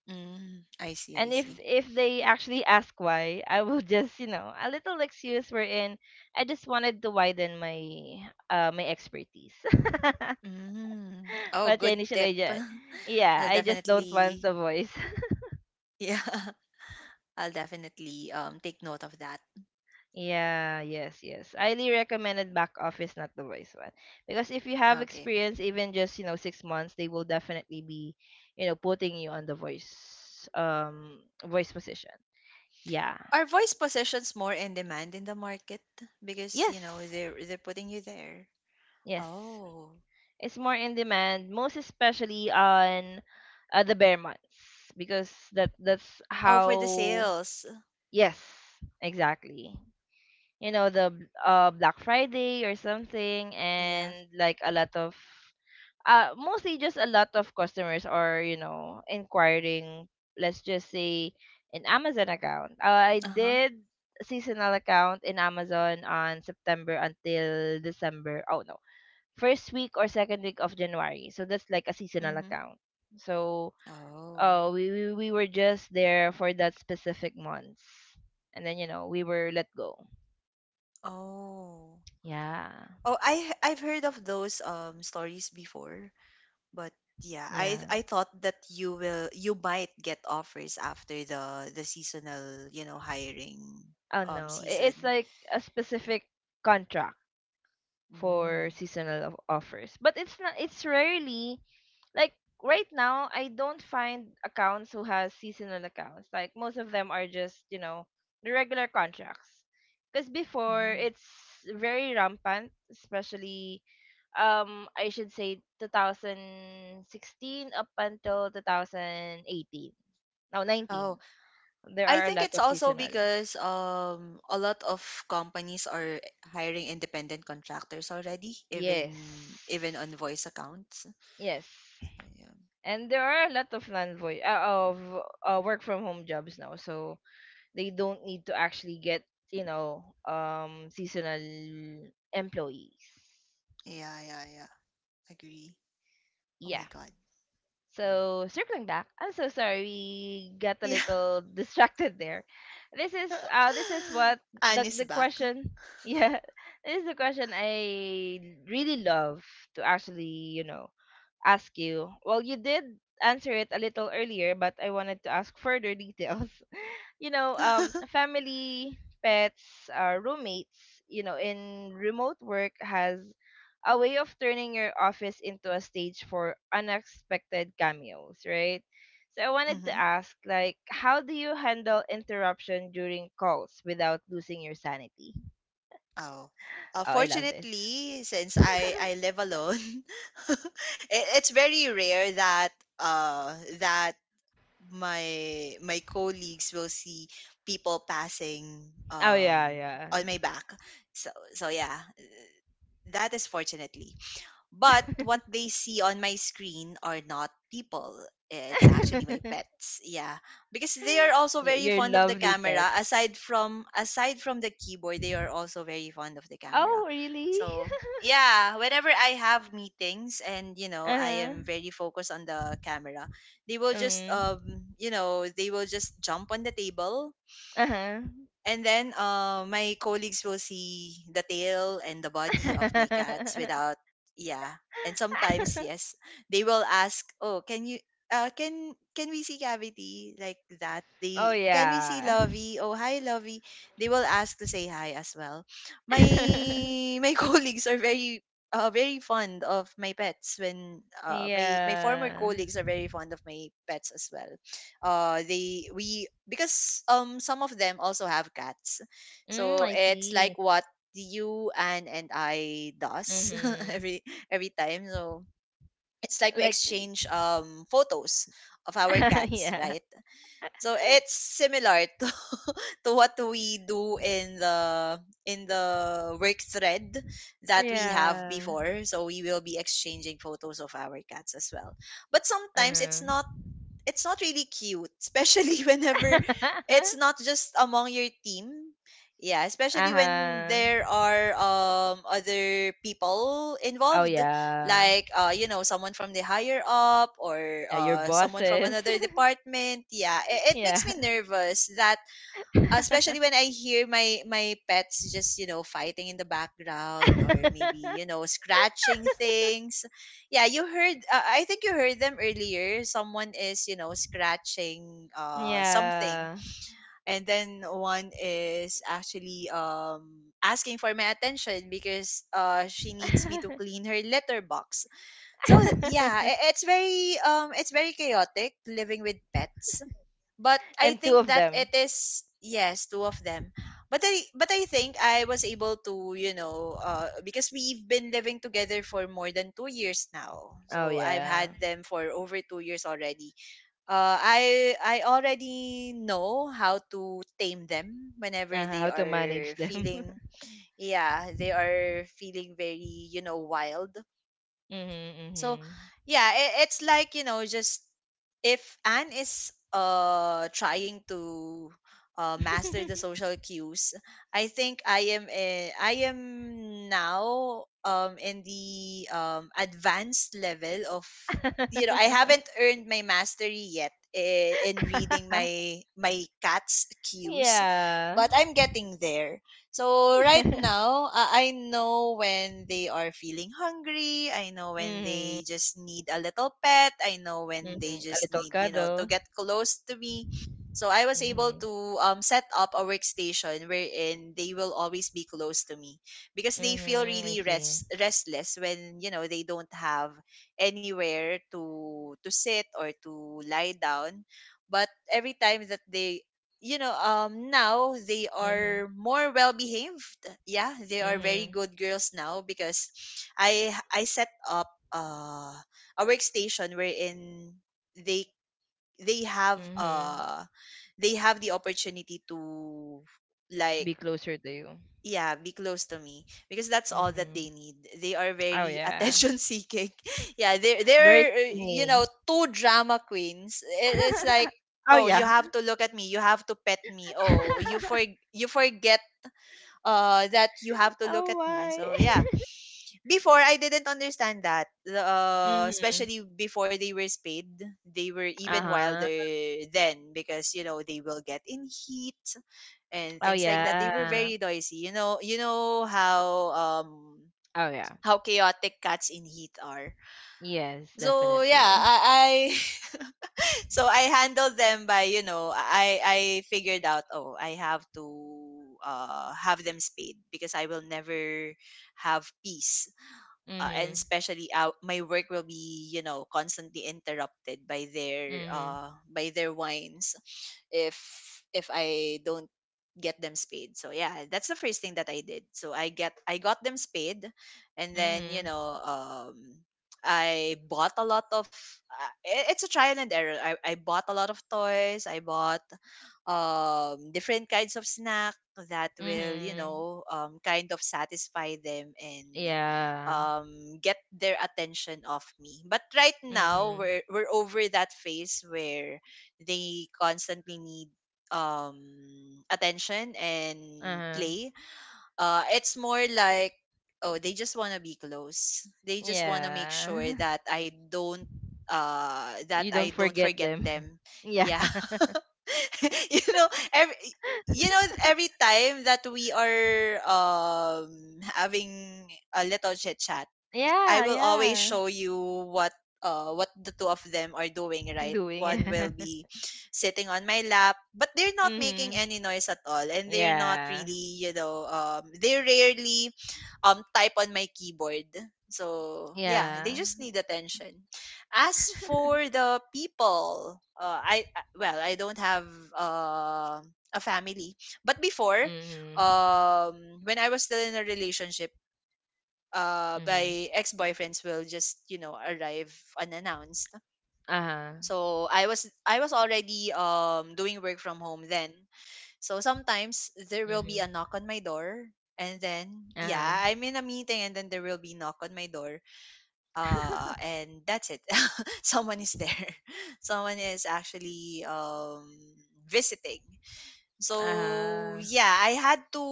Mm, I see, I
And
see.
if they actually ask why, I will just, you know, a little excuse, wherein I just wanted to widen my my expertise.
Mm. Oh,
What
good
initial
tip.
agent? Yeah,
I'll
I just don't want
definitely,
the voice.
yeah, I'll definitely take note of that.
Yeah, yes, yes. Highly recommended back office, not the voice one. Because if you have
Okay.
experience, even just, you know, 6 months, they will definitely be, you know, putting you on the voice position. Yeah.
Are voice positions more in demand in the market because, you know,
Yes.
they're putting you there?
Yes.
Oh,
It's more in demand, most especially on the bare months, because that's
oh, for the
how.
sales.
Yes, exactly. You know the Black Friday or something,
Yeah.
and like a lot of mostly just a lot of customers are you know inquiring. Let's just say an Amazon account. I
Uh huh.
did seasonal account in Amazon on September until December. Oh no. First week or second week of January. So that's like a seasonal
Mm-hmm.
account. So
Oh.
we were just there for that specific months. And then you know, we were let go.
Oh.
Yeah.
Oh, I've heard of those stories before, but yeah, I
Yeah.
I thought that you might get offers after the seasonal, you know, hiring
Oh no. It's
season.
like a specific contract
Mm-hmm.
for seasonal offers. But it's not, it's rarely, like, right now I don't find accounts who has seasonal accounts. Like most of them are just, you know, the regular contracts. Cuz before
Mm-hmm.
it's very rampant, especially I should say 2016 up until 2018. Now
Oh,
19. There
I
are a
think
lot
it's
of
also
seasonal.
because a lot of companies are hiring independent contractors already,
Yes.
even on voice accounts.
Yes.
So, yeah,
And there are a lot of land voice, of work from home jobs now, so they don't need to actually get, you know, seasonal employees.
yeah, yeah, yeah. Agree. Oh
Yeah.
my god.
So circling back, I'm so sorry we got a
Yeah.
little distracted there. This is what the
Anne is
the
back.
question... Yeah, this is the question I really love to actually, you know, ask you. Well, you did answer it a little earlier, but I wanted to ask further details. You know, family, pets, roommates, you know, in remote work has a way of turning your office into a stage for unexpected cameos, right? So I wanted to
Mm-hmm.
ask, like, how do you handle interruption during calls without losing your sanity?
Oh.
Oh, I love this.
Fortunately, since I live alone, it's very rare that uh that my colleagues will see people passing
Oh yeah,
on my back. So yeah, that is fortunately. But what they see on my screen are not people. It's actually my
yeah.
pets. Yeah. Because they are also very
Your
fond of the
lovely
camera.
pets.
Aside from the keyboard, they are also very fond of the camera.
Oh, really?
So yeah, whenever I have meetings and you know I
Uh-huh.
am very focused on the camera, they will just
Mm.
they will just jump on the table
Uh-huh.
and then my colleagues will see the tail and the body of my cats without, yeah. And sometimes, yes, they will ask, "Oh, can you, can we see Cavity like that?
Oh
They can we see
yeah.
Lovey? Oh, hi, Lovey." They will ask to say hi as well. My my colleagues are very very fond of my pets when my former
Yeah.
colleagues are very fond of my pets as well they we because some of them also have cats,
Mm,
so
I
it's
see.
like what you and I does
Mm-hmm.
every every time. So it's like we
Like.
exchange photos of our cats,
Yeah.
right? So it's similar to to what we do in the work thread that we have
Yeah.
before, so we will be exchanging photos of our cats as well. But sometimes it's not,
Mm-hmm.
it's not really cute, especially whenever it's not just among your team. Yeah, especially when
Uh-huh.
there are other people
Oh
involved,
yeah.
like someone from the higher up or
Yeah, your
someone from
bosses.
another department. Yeah, it
Yeah.
makes me nervous that especially when I hear my pets just you know fighting in the background or maybe you know scratching things. Yeah, you heard. I think you heard them earlier. Someone is you know scratching something,
Yeah.
and then one is actually asking for my attention because she needs me to clean her litter box. So yeah, it's very chaotic living with pets, but I
And two
think
of
that it
them.
is yes, two of them. But I think I was able to you know because we've been living together for more than 2 years now.
Oh
So I've
yeah.
had them for over 2 years already. I already know how to tame them whenever
Uh-huh,
they
how to manage
are
them.
feeling yeah they are feeling very you know wild. So
Mhm.
yeah, it's like, you know, just if Anne is trying to master the
Mhm.
social cues, I think I am now in the advanced level of you know I haven't earned my mastery yet in reading my cat's cues,
Yeah.
but I'm getting there. So right
Yeah.
now, I know when they are feeling hungry. I know when
Mhm.
they just need a little pet. I know when they
Mhm. A
just
little
need, you know, to
cuddle.
get close to me. So I was able
Mhm.
to set up a workstation wherein they will always be close to me because they feel
Mhm. I
really
see.
restless when you know they don't have anywhere to sit or to lie down. But every time that they now they
Mhm.
are more well behaved, yeah they are very
Mhm.
good girls now because I set up uh a workstation wherein they have
Mhm.
they have the opportunity to like
Be closer to you.
yeah be close to me, because that's all that
Mhm.
they need. They are
Oh
very
yeah.
attention seeking, yeah they're
Very
they're you know
clingy.
two drama queens. It's like,
Oh
oh, you
yeah.
have to look at me, you have to pet me, you forget that you have to look
Oh
at me. So
my.
yeah, before I didn't understand that
Mhm.
especially before they were spayed they were
Uh
even
huh.
wilder then, because you know they will get in heat and
Oh
things like that. They were
yeah.
very noisy. You know um
Oh yeah.
how chaotic cats in heat are.
Yes,
So yeah,
definitely.
I so I handled them by you know I figured out, oh, I have to have them spayed because I will never have peace, and
Mhm.
especially out my work will be you know constantly interrupted
Mhm.
by their wines if I don't get them spayed. So yeah, that's the first thing that I did. So I got them spayed, and then you
Mhm.
know I bought a lot of it's a trial and error. I bought a lot of toys. I bought different kinds of snack that will you
Mhm.
know kind of satisfy them and
Yeah.
get their attention off me. But right now,
Mhm.
we're over that phase where they constantly need um attention and
Uh-huh.
play. It's more like, oh, they just want to be close. They just want to make sure
Yeah.
that
You don't
I don't
forget
forget
them.
them.
Yeah.
Yeah. you know, every you know every time that we are having a little chit chat, I
Yeah,
will always
yeah.
show you what the two of them are doing, right?
Doing
One will
it.
be sitting on my lap, but they're not making
Mhm.
any noise at all, and they're not
Yeah.
really, you know, they rarely type on my keyboard. So yeah,
Yeah.
they just need attention. As for the people, well, I don't have uh, a family, but before,
Mhm.
when I was still in a relationship
Mhm.
by ex-boyfriends will just you know arrive unannounced.
Uh-huh.
So I was already doing work from home then, so sometimes there will
Mhm.
be a knock on my door, and then
Uh-huh.
yeah I'm in a meeting, and then there will be knock on my door, and that's it. Someone is there. Someone is actually visiting.
Uh-huh.
So yeah, I had to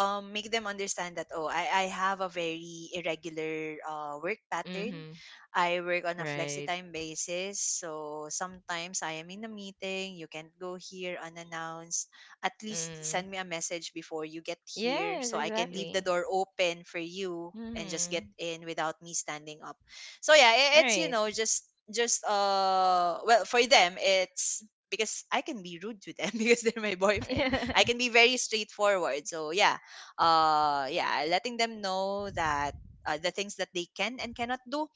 make them understand that, oh, I have a very irregular work pattern.
Mhm.
I work on a
Right.
flexi time basis, so sometimes I am in a meeting. You can't go here unannounced. At least
Mhm.
send me a message before you get here,
Yes,
so I can leave the
exactly.
door open for you and just get
Mhm.
in without me standing up. So yeah,
All
it's you
right.
know just well, for them it's because I can be rude to them because they're my boyfriend.
Yeah.
I can be very straightforward. So yeah, yeah, letting them know that the things that they can and cannot do.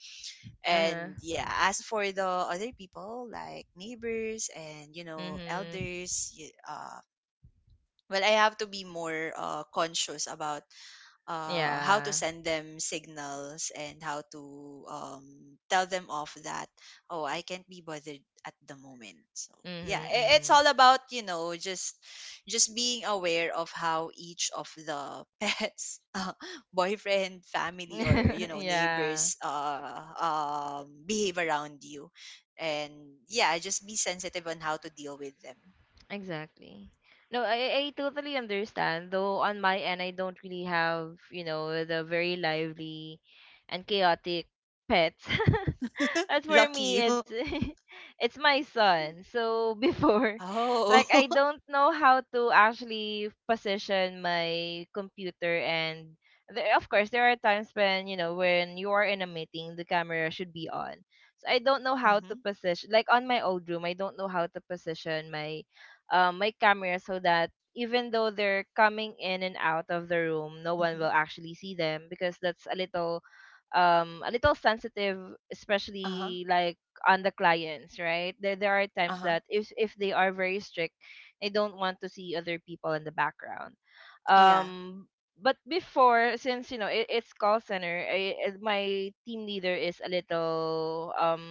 Uh-huh.
And yeah, as for the other people like neighbors and you know
Mhm.
elders, well, I have to be more conscious about how to
Yeah.
send them signals and how to tell them off that, oh, I can't be bothered at the moment. So yeah, it's
Mhm.
all about you know just being aware of how each of the pets, boyfriend, family, or you
Mhm.
know
Yeah.
neighbors, behave around you, and yeah just be sensitive on how to deal with them.
Exactly. No, I totally understand. Though on my end, I don't really have the very lively and chaotic pets. As for
Lucky
me,
you.
it's it's my son. So before, like I
Oh.
don't know how to actually position my computer, and of course there are times when you are in a meeting the camera should be on. So I don't know how to
Mm-hmm.
position, like on my old room I don't know how to position my my camera, so that even though they're coming in and out of the room no one
hmm
will actually see them because that's a little sensitive,
uh-huh.
especially like on the clients. Right, there are times
Uh-huh.
that if they are very strict, they don't want to see other people in the background.
Yeah.
um but before, since it's call center, my team leader is a little um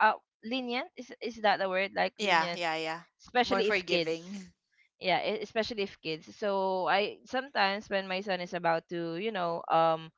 uh, lenient. Is is that the word, like,
Yeah,
lenient?
yeah, yeah. More
Especially if kids,
forgiving.
yeah. Especially if kids, so I, sometimes when my son is about to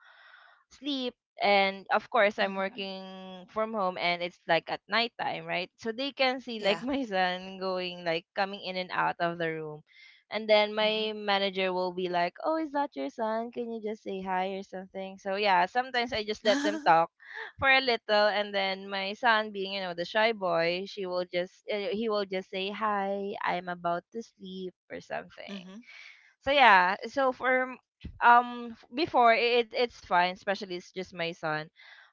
sleep, and of course I'm
Mhm.
working from home and it's like at nighttime, right? So they can see like
Yeah.
my son going, like, coming in and out of the room. And then
Mhm.
my manager will be like, "Oh, is that your son? Can you just say hi or something?" So yeah, sometimes I just let them talk for a little, and then my son being, you know, the shy boy, she will just he will just say, "Hi, I'm about to sleep" or something.
Mhm.
So yeah, so for before it's fine, especially it's just my son.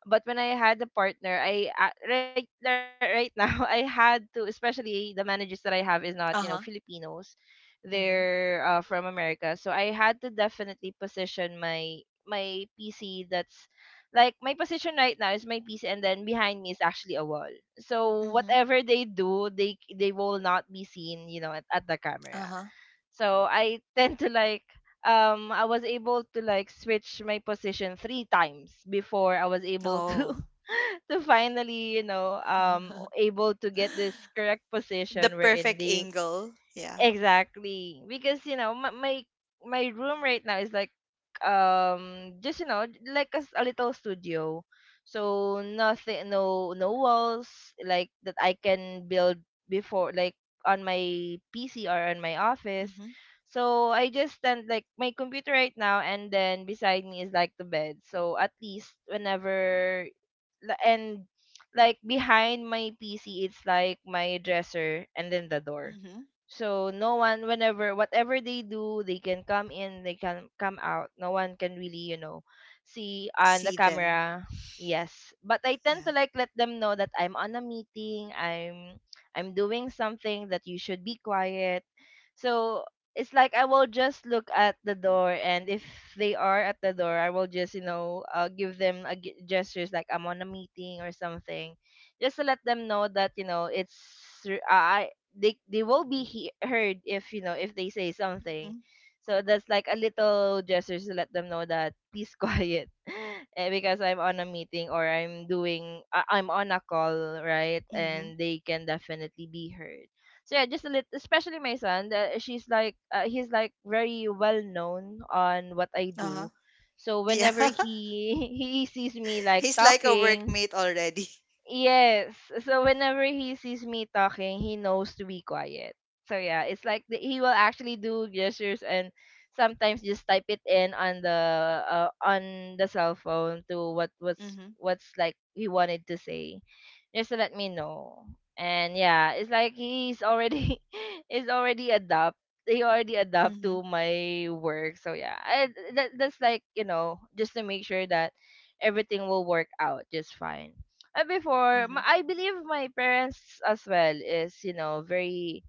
But when I had a partner, I, right right now, I had to, especially the managers that I have is not
Uh-huh.
Filipinos,
Mhm.
they're, from America. So I had to definitely position my PC. That's like my position right now is my PC, and then behind me is actually a wall. So
Mhm.
whatever they do, they will not be seen, at the camera.
Uh-huh.
So I tend to, like, I was able to, like, switch my position three times before I was able
Oh.
to to finally, able to get this correct
The
position wherein
perfect
they...
angle. Yeah.
Exactly. Because my room right now is like just, like a little studio. So nothing, no walls like that I can build before, like on my PC or on my office.
Mhm.
So I just stand, like, my computer right now, and then beside me is like the bed. So at least and like behind my PC, it's like my dresser and then the door.
Mhm.
So no one, whenever whatever they do, they can come in, they can come out. No one can really, see on the
See them.
camera. Yes. But I tend
Yeah.
to, like, let them know that I'm on a meeting, I'm doing something that you should be quiet. So it's like I will just look at the door, and if they are at the door, I will just give them a gestures, like, I'm on a meeting or something, just to let them know that it's, I, they will be heard if you know if they say something.
Mhm.
So that's like a little gestures to let them know that, please, quiet, because I'm on a meeting or I'm on a call, right?
Mhm.
And they can definitely be heard, so yeah, just a little, especially my son that she's like he's like very well known on what I
Uh-huh.
do. So
Yeah.
whenever he he sees me, like,
He's like a
talking...
workmate already.
Yes. So whenever he sees me talking, he knows to be quiet. So yeah, it's like he will actually do gestures and sometimes just type it in on the cell phone to
Mhm.
what's, like, he wanted to say, just to let me know. And yeah, it's like he's already he's already adapt. He already adapt
Mhm.
to my work. So yeah, that's like, just to make sure that everything will work out just fine. Before
Mhm.
I believe my parents as well is, very,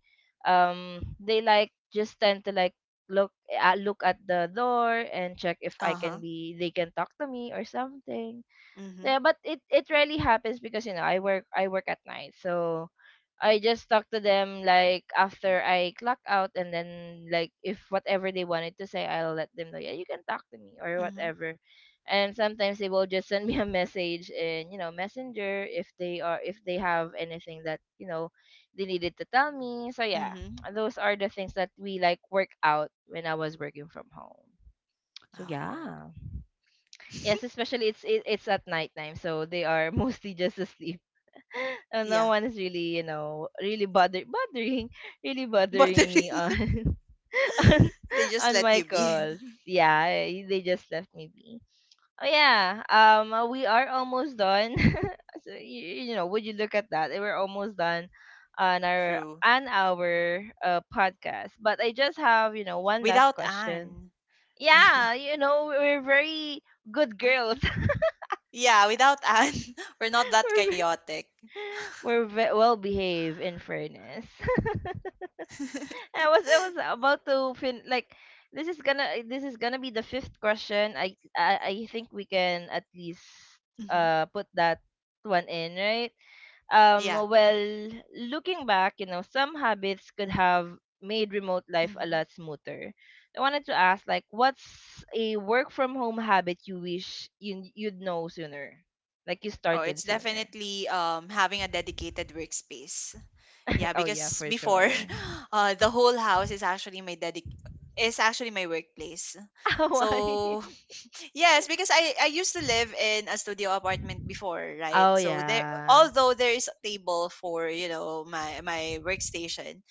they like just tend to, like, look at the door and check if I
Uh-huh.
can be they can talk to me or something. Yeah,
Mhm.
but it rarely happens because, I work at night. So I just talk to them like after I clock out, and then, like, if whatever they wanted to say, I'll let them know, yeah, you can talk to me or
Mhm.
whatever. And sometimes they will just send me a message in, messenger, if they have anything that, they needed to tell me, so yeah,
Mhm.
those are the things that we, like, work out when I was working from home, so
Oh.
yeah. Yes, especially it's at nighttime, so they are mostly just asleep and no
Yeah.
one's really, really bothering really bothering
Bothering
me on
you.
on,
They just
on
let
my
you be.
calls. Yeah, they just left me be. Oh yeah, we are almost done. So, you know, would you look at that? We're almost done on our
True.
an hour podcast, but I just have, one last
Without
question.
Anne. Yeah.
Yeah, we're very good girls.
Yeah, without Anne, we're not that
we're, ve-
chaotic.
we're well behaved, in fairness. I was about to fin like, this is gonna be the fifth question. I think we can at least
hmm
put that one in, right?
Yeah.
Well, looking back, some habits could have made remote life a
Hmm.
lot smoother. I wanted to ask, like, what's a work from home habit you wish you'd know sooner? Like you
Oh, it's
started sooner.
definitely having a dedicated workspace. Yeah,
Oh yeah,
because
for
before,
sure.
the whole house is actually my dedic is actually my workplace.
Why?
So yes, because I used to live in a studio apartment before, right?
Oh
So there,
yeah.
although there is a table for you know my workstation,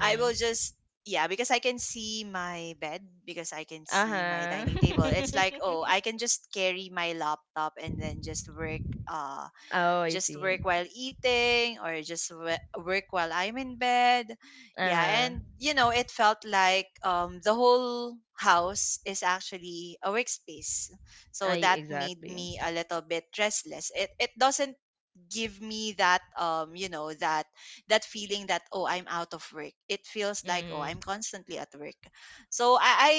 I will just yeah, because I can see my bed, because I can see my
Uh-huh.
dining table. It's like, oh, I can just carry my laptop and then uh
Oh, I
just
see.
work while eating or just work while I'm in bed. Yeah,
Uh-huh.
and you know, it felt like the whole house is actually a workspace. So
I
that made
exactly.
me a little bit restless. It doesn't give me that that that feeling that, oh, I'm out of work. It feels like, oh,
Mm-hmm.
I'm constantly at work. So I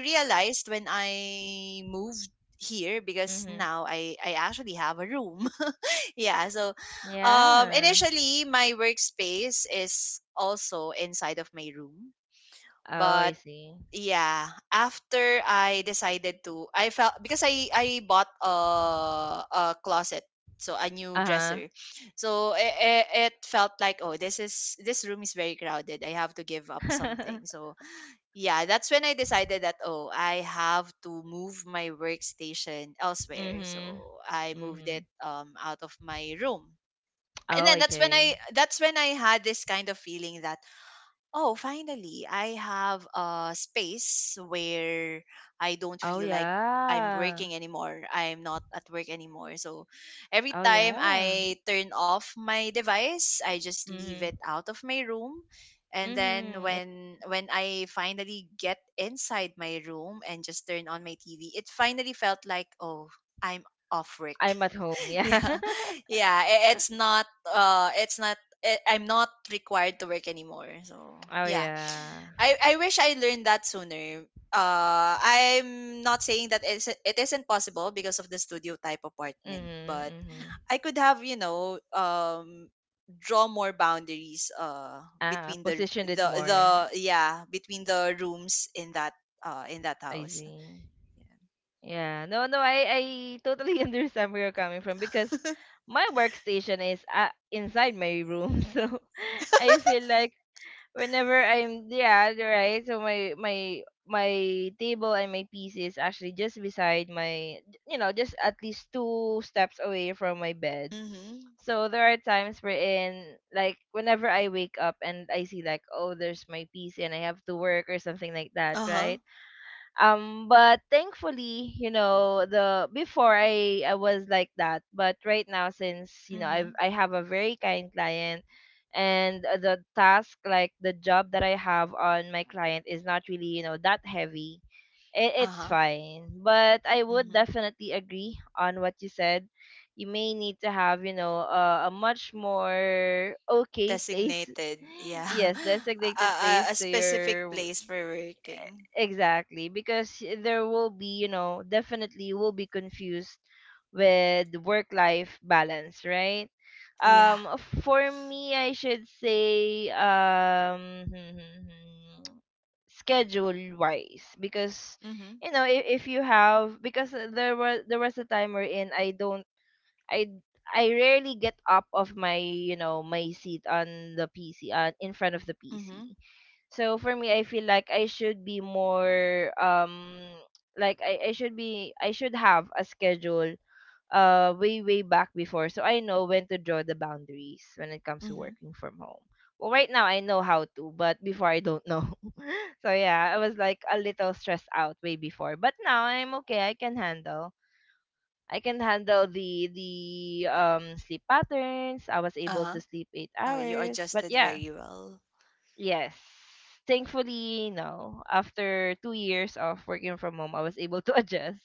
realized when I moved here, because
Mm-hmm.
now I actually have a room. Yeah, so
Yeah.
initially my workspace is also inside of my room,
Oh, I
but
see.
yeah, after I decided to I felt because I bought a closet, so a new
Uh-huh.
dresser. So it felt like, oh, this is this room is very crowded, I have to give up something. So yeah, that's when I decided that, oh, I have to move my workstation elsewhere.
Mm-hmm.
So I moved
Mm-hmm.
it out of my room, and
Oh,
then that's when
okay.
I that's when I had this kind of feeling that, oh, finally, I have a space where I don't
Oh
feel like I'm
yeah.
working anymore. I'm not at work anymore. So every
Oh
time
yeah.
I turn off my device, I just leave it
Mm-hmm.
out of my room. And then
Mm-hmm.
when I finally get inside my room and just turn on my TV, it finally felt like, oh, I'm off work.
I'm at home,
Yeah.
yeah.
Yeah, it's not I'm not required to work anymore. So
Oh
yeah,
yeah.
I wish I learned that sooner. I'm not saying that it isn't possible because of the studio type apartment,
Mm-hmm.
but
Mm-hmm.
I could have you know draw more boundaries
Ah,
between the
positioned it
the
more.
the yeah between the rooms in that
I
house.
see. Yeah, no, no, I totally understand where you're coming from because my workstation is, inside my room, so I feel like whenever I'm, yeah, you're right, so my table and my PC is actually just beside my, just at least two steps away from my bed.
Yeah. Mhm.
So there are times wherein, like, whenever I wake up and I see, like, oh, there's my PC and I have to work or something like that,
Uh-huh.
right? But thankfully, the before I was like that, but right now since,
Mhm.
I have a very kind client. And the task, like the job that I have on my client, is not really, that heavy. It's
Uh-huh.
fine, but I would
Mhm.
definitely agree on what you said. You may need to have, a much more okay place.
Designated, yeah.
Yes, designated place
A
to
specific
your...
place for working.
Exactly, because there will be, definitely will be confused with work-life balance, right?
Yeah.
Um, for me, I should say, schedule-wise, because,
Mm-hmm.
if you have, because there was a time wherein I don't, I I rarely get up of my seat on the PC, on in front of the
Mm-hmm.
PC. So for me, I feel like I should be more, like I should have a schedule way back before, so I know when to draw the boundaries when it comes to
Mm-hmm.
working from home. Well, right now I know how to, but before I don't know. So yeah, I was like a little stressed out way before, but now I'm okay. I can handle. I can handle the sleep patterns. I was able to
Uh-huh.
sleep eight
Oh, you
hours, but
adjusted
yeah,
very well.
yes. Thankfully, no. After 2 years of working from home, I was able to adjust.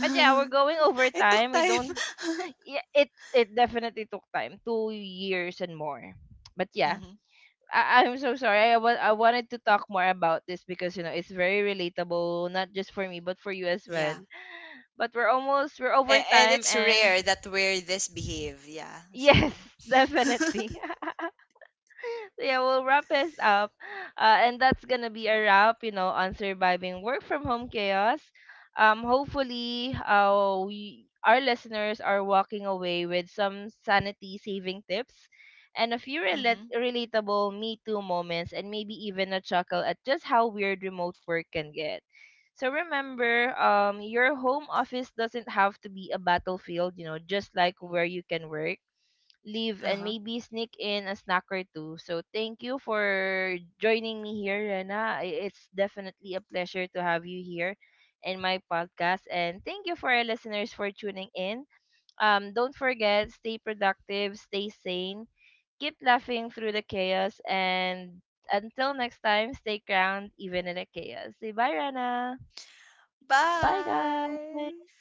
But yeah, we're going over
It took
time. We
time.
don't. Yeah, it definitely took time, 2 years and more. But yeah,
Mm-hmm.
I'm so sorry. I wanted to talk more about this because, it's very relatable, not just for me but for you as well.
Yeah.
But we're over
And
time,
it's
and
rare that we're this behave. Yeah. So,
yes, definitely. Yeah, we'll wrap this up. And that's gonna be a wrap, on surviving work from home chaos. Hopefully, we our listeners are walking away with some sanity saving tips and a few
mm-hmm.
relatable me too moments, and maybe even a chuckle at just how weird remote work can get. So remember, your home office doesn't have to be a battlefield, just like where you can work, leave, and
Uh-huh.
maybe sneak in a snack or two. So thank you for joining me here, Rena. It's definitely a pleasure to have you here in my podcast. And thank you for our listeners for tuning in. Don't forget, stay productive, stay sane, keep laughing through the chaos, and until next time, stay crowned even in the chaos. Say bye, Rana. Bye,
Bye.
guys.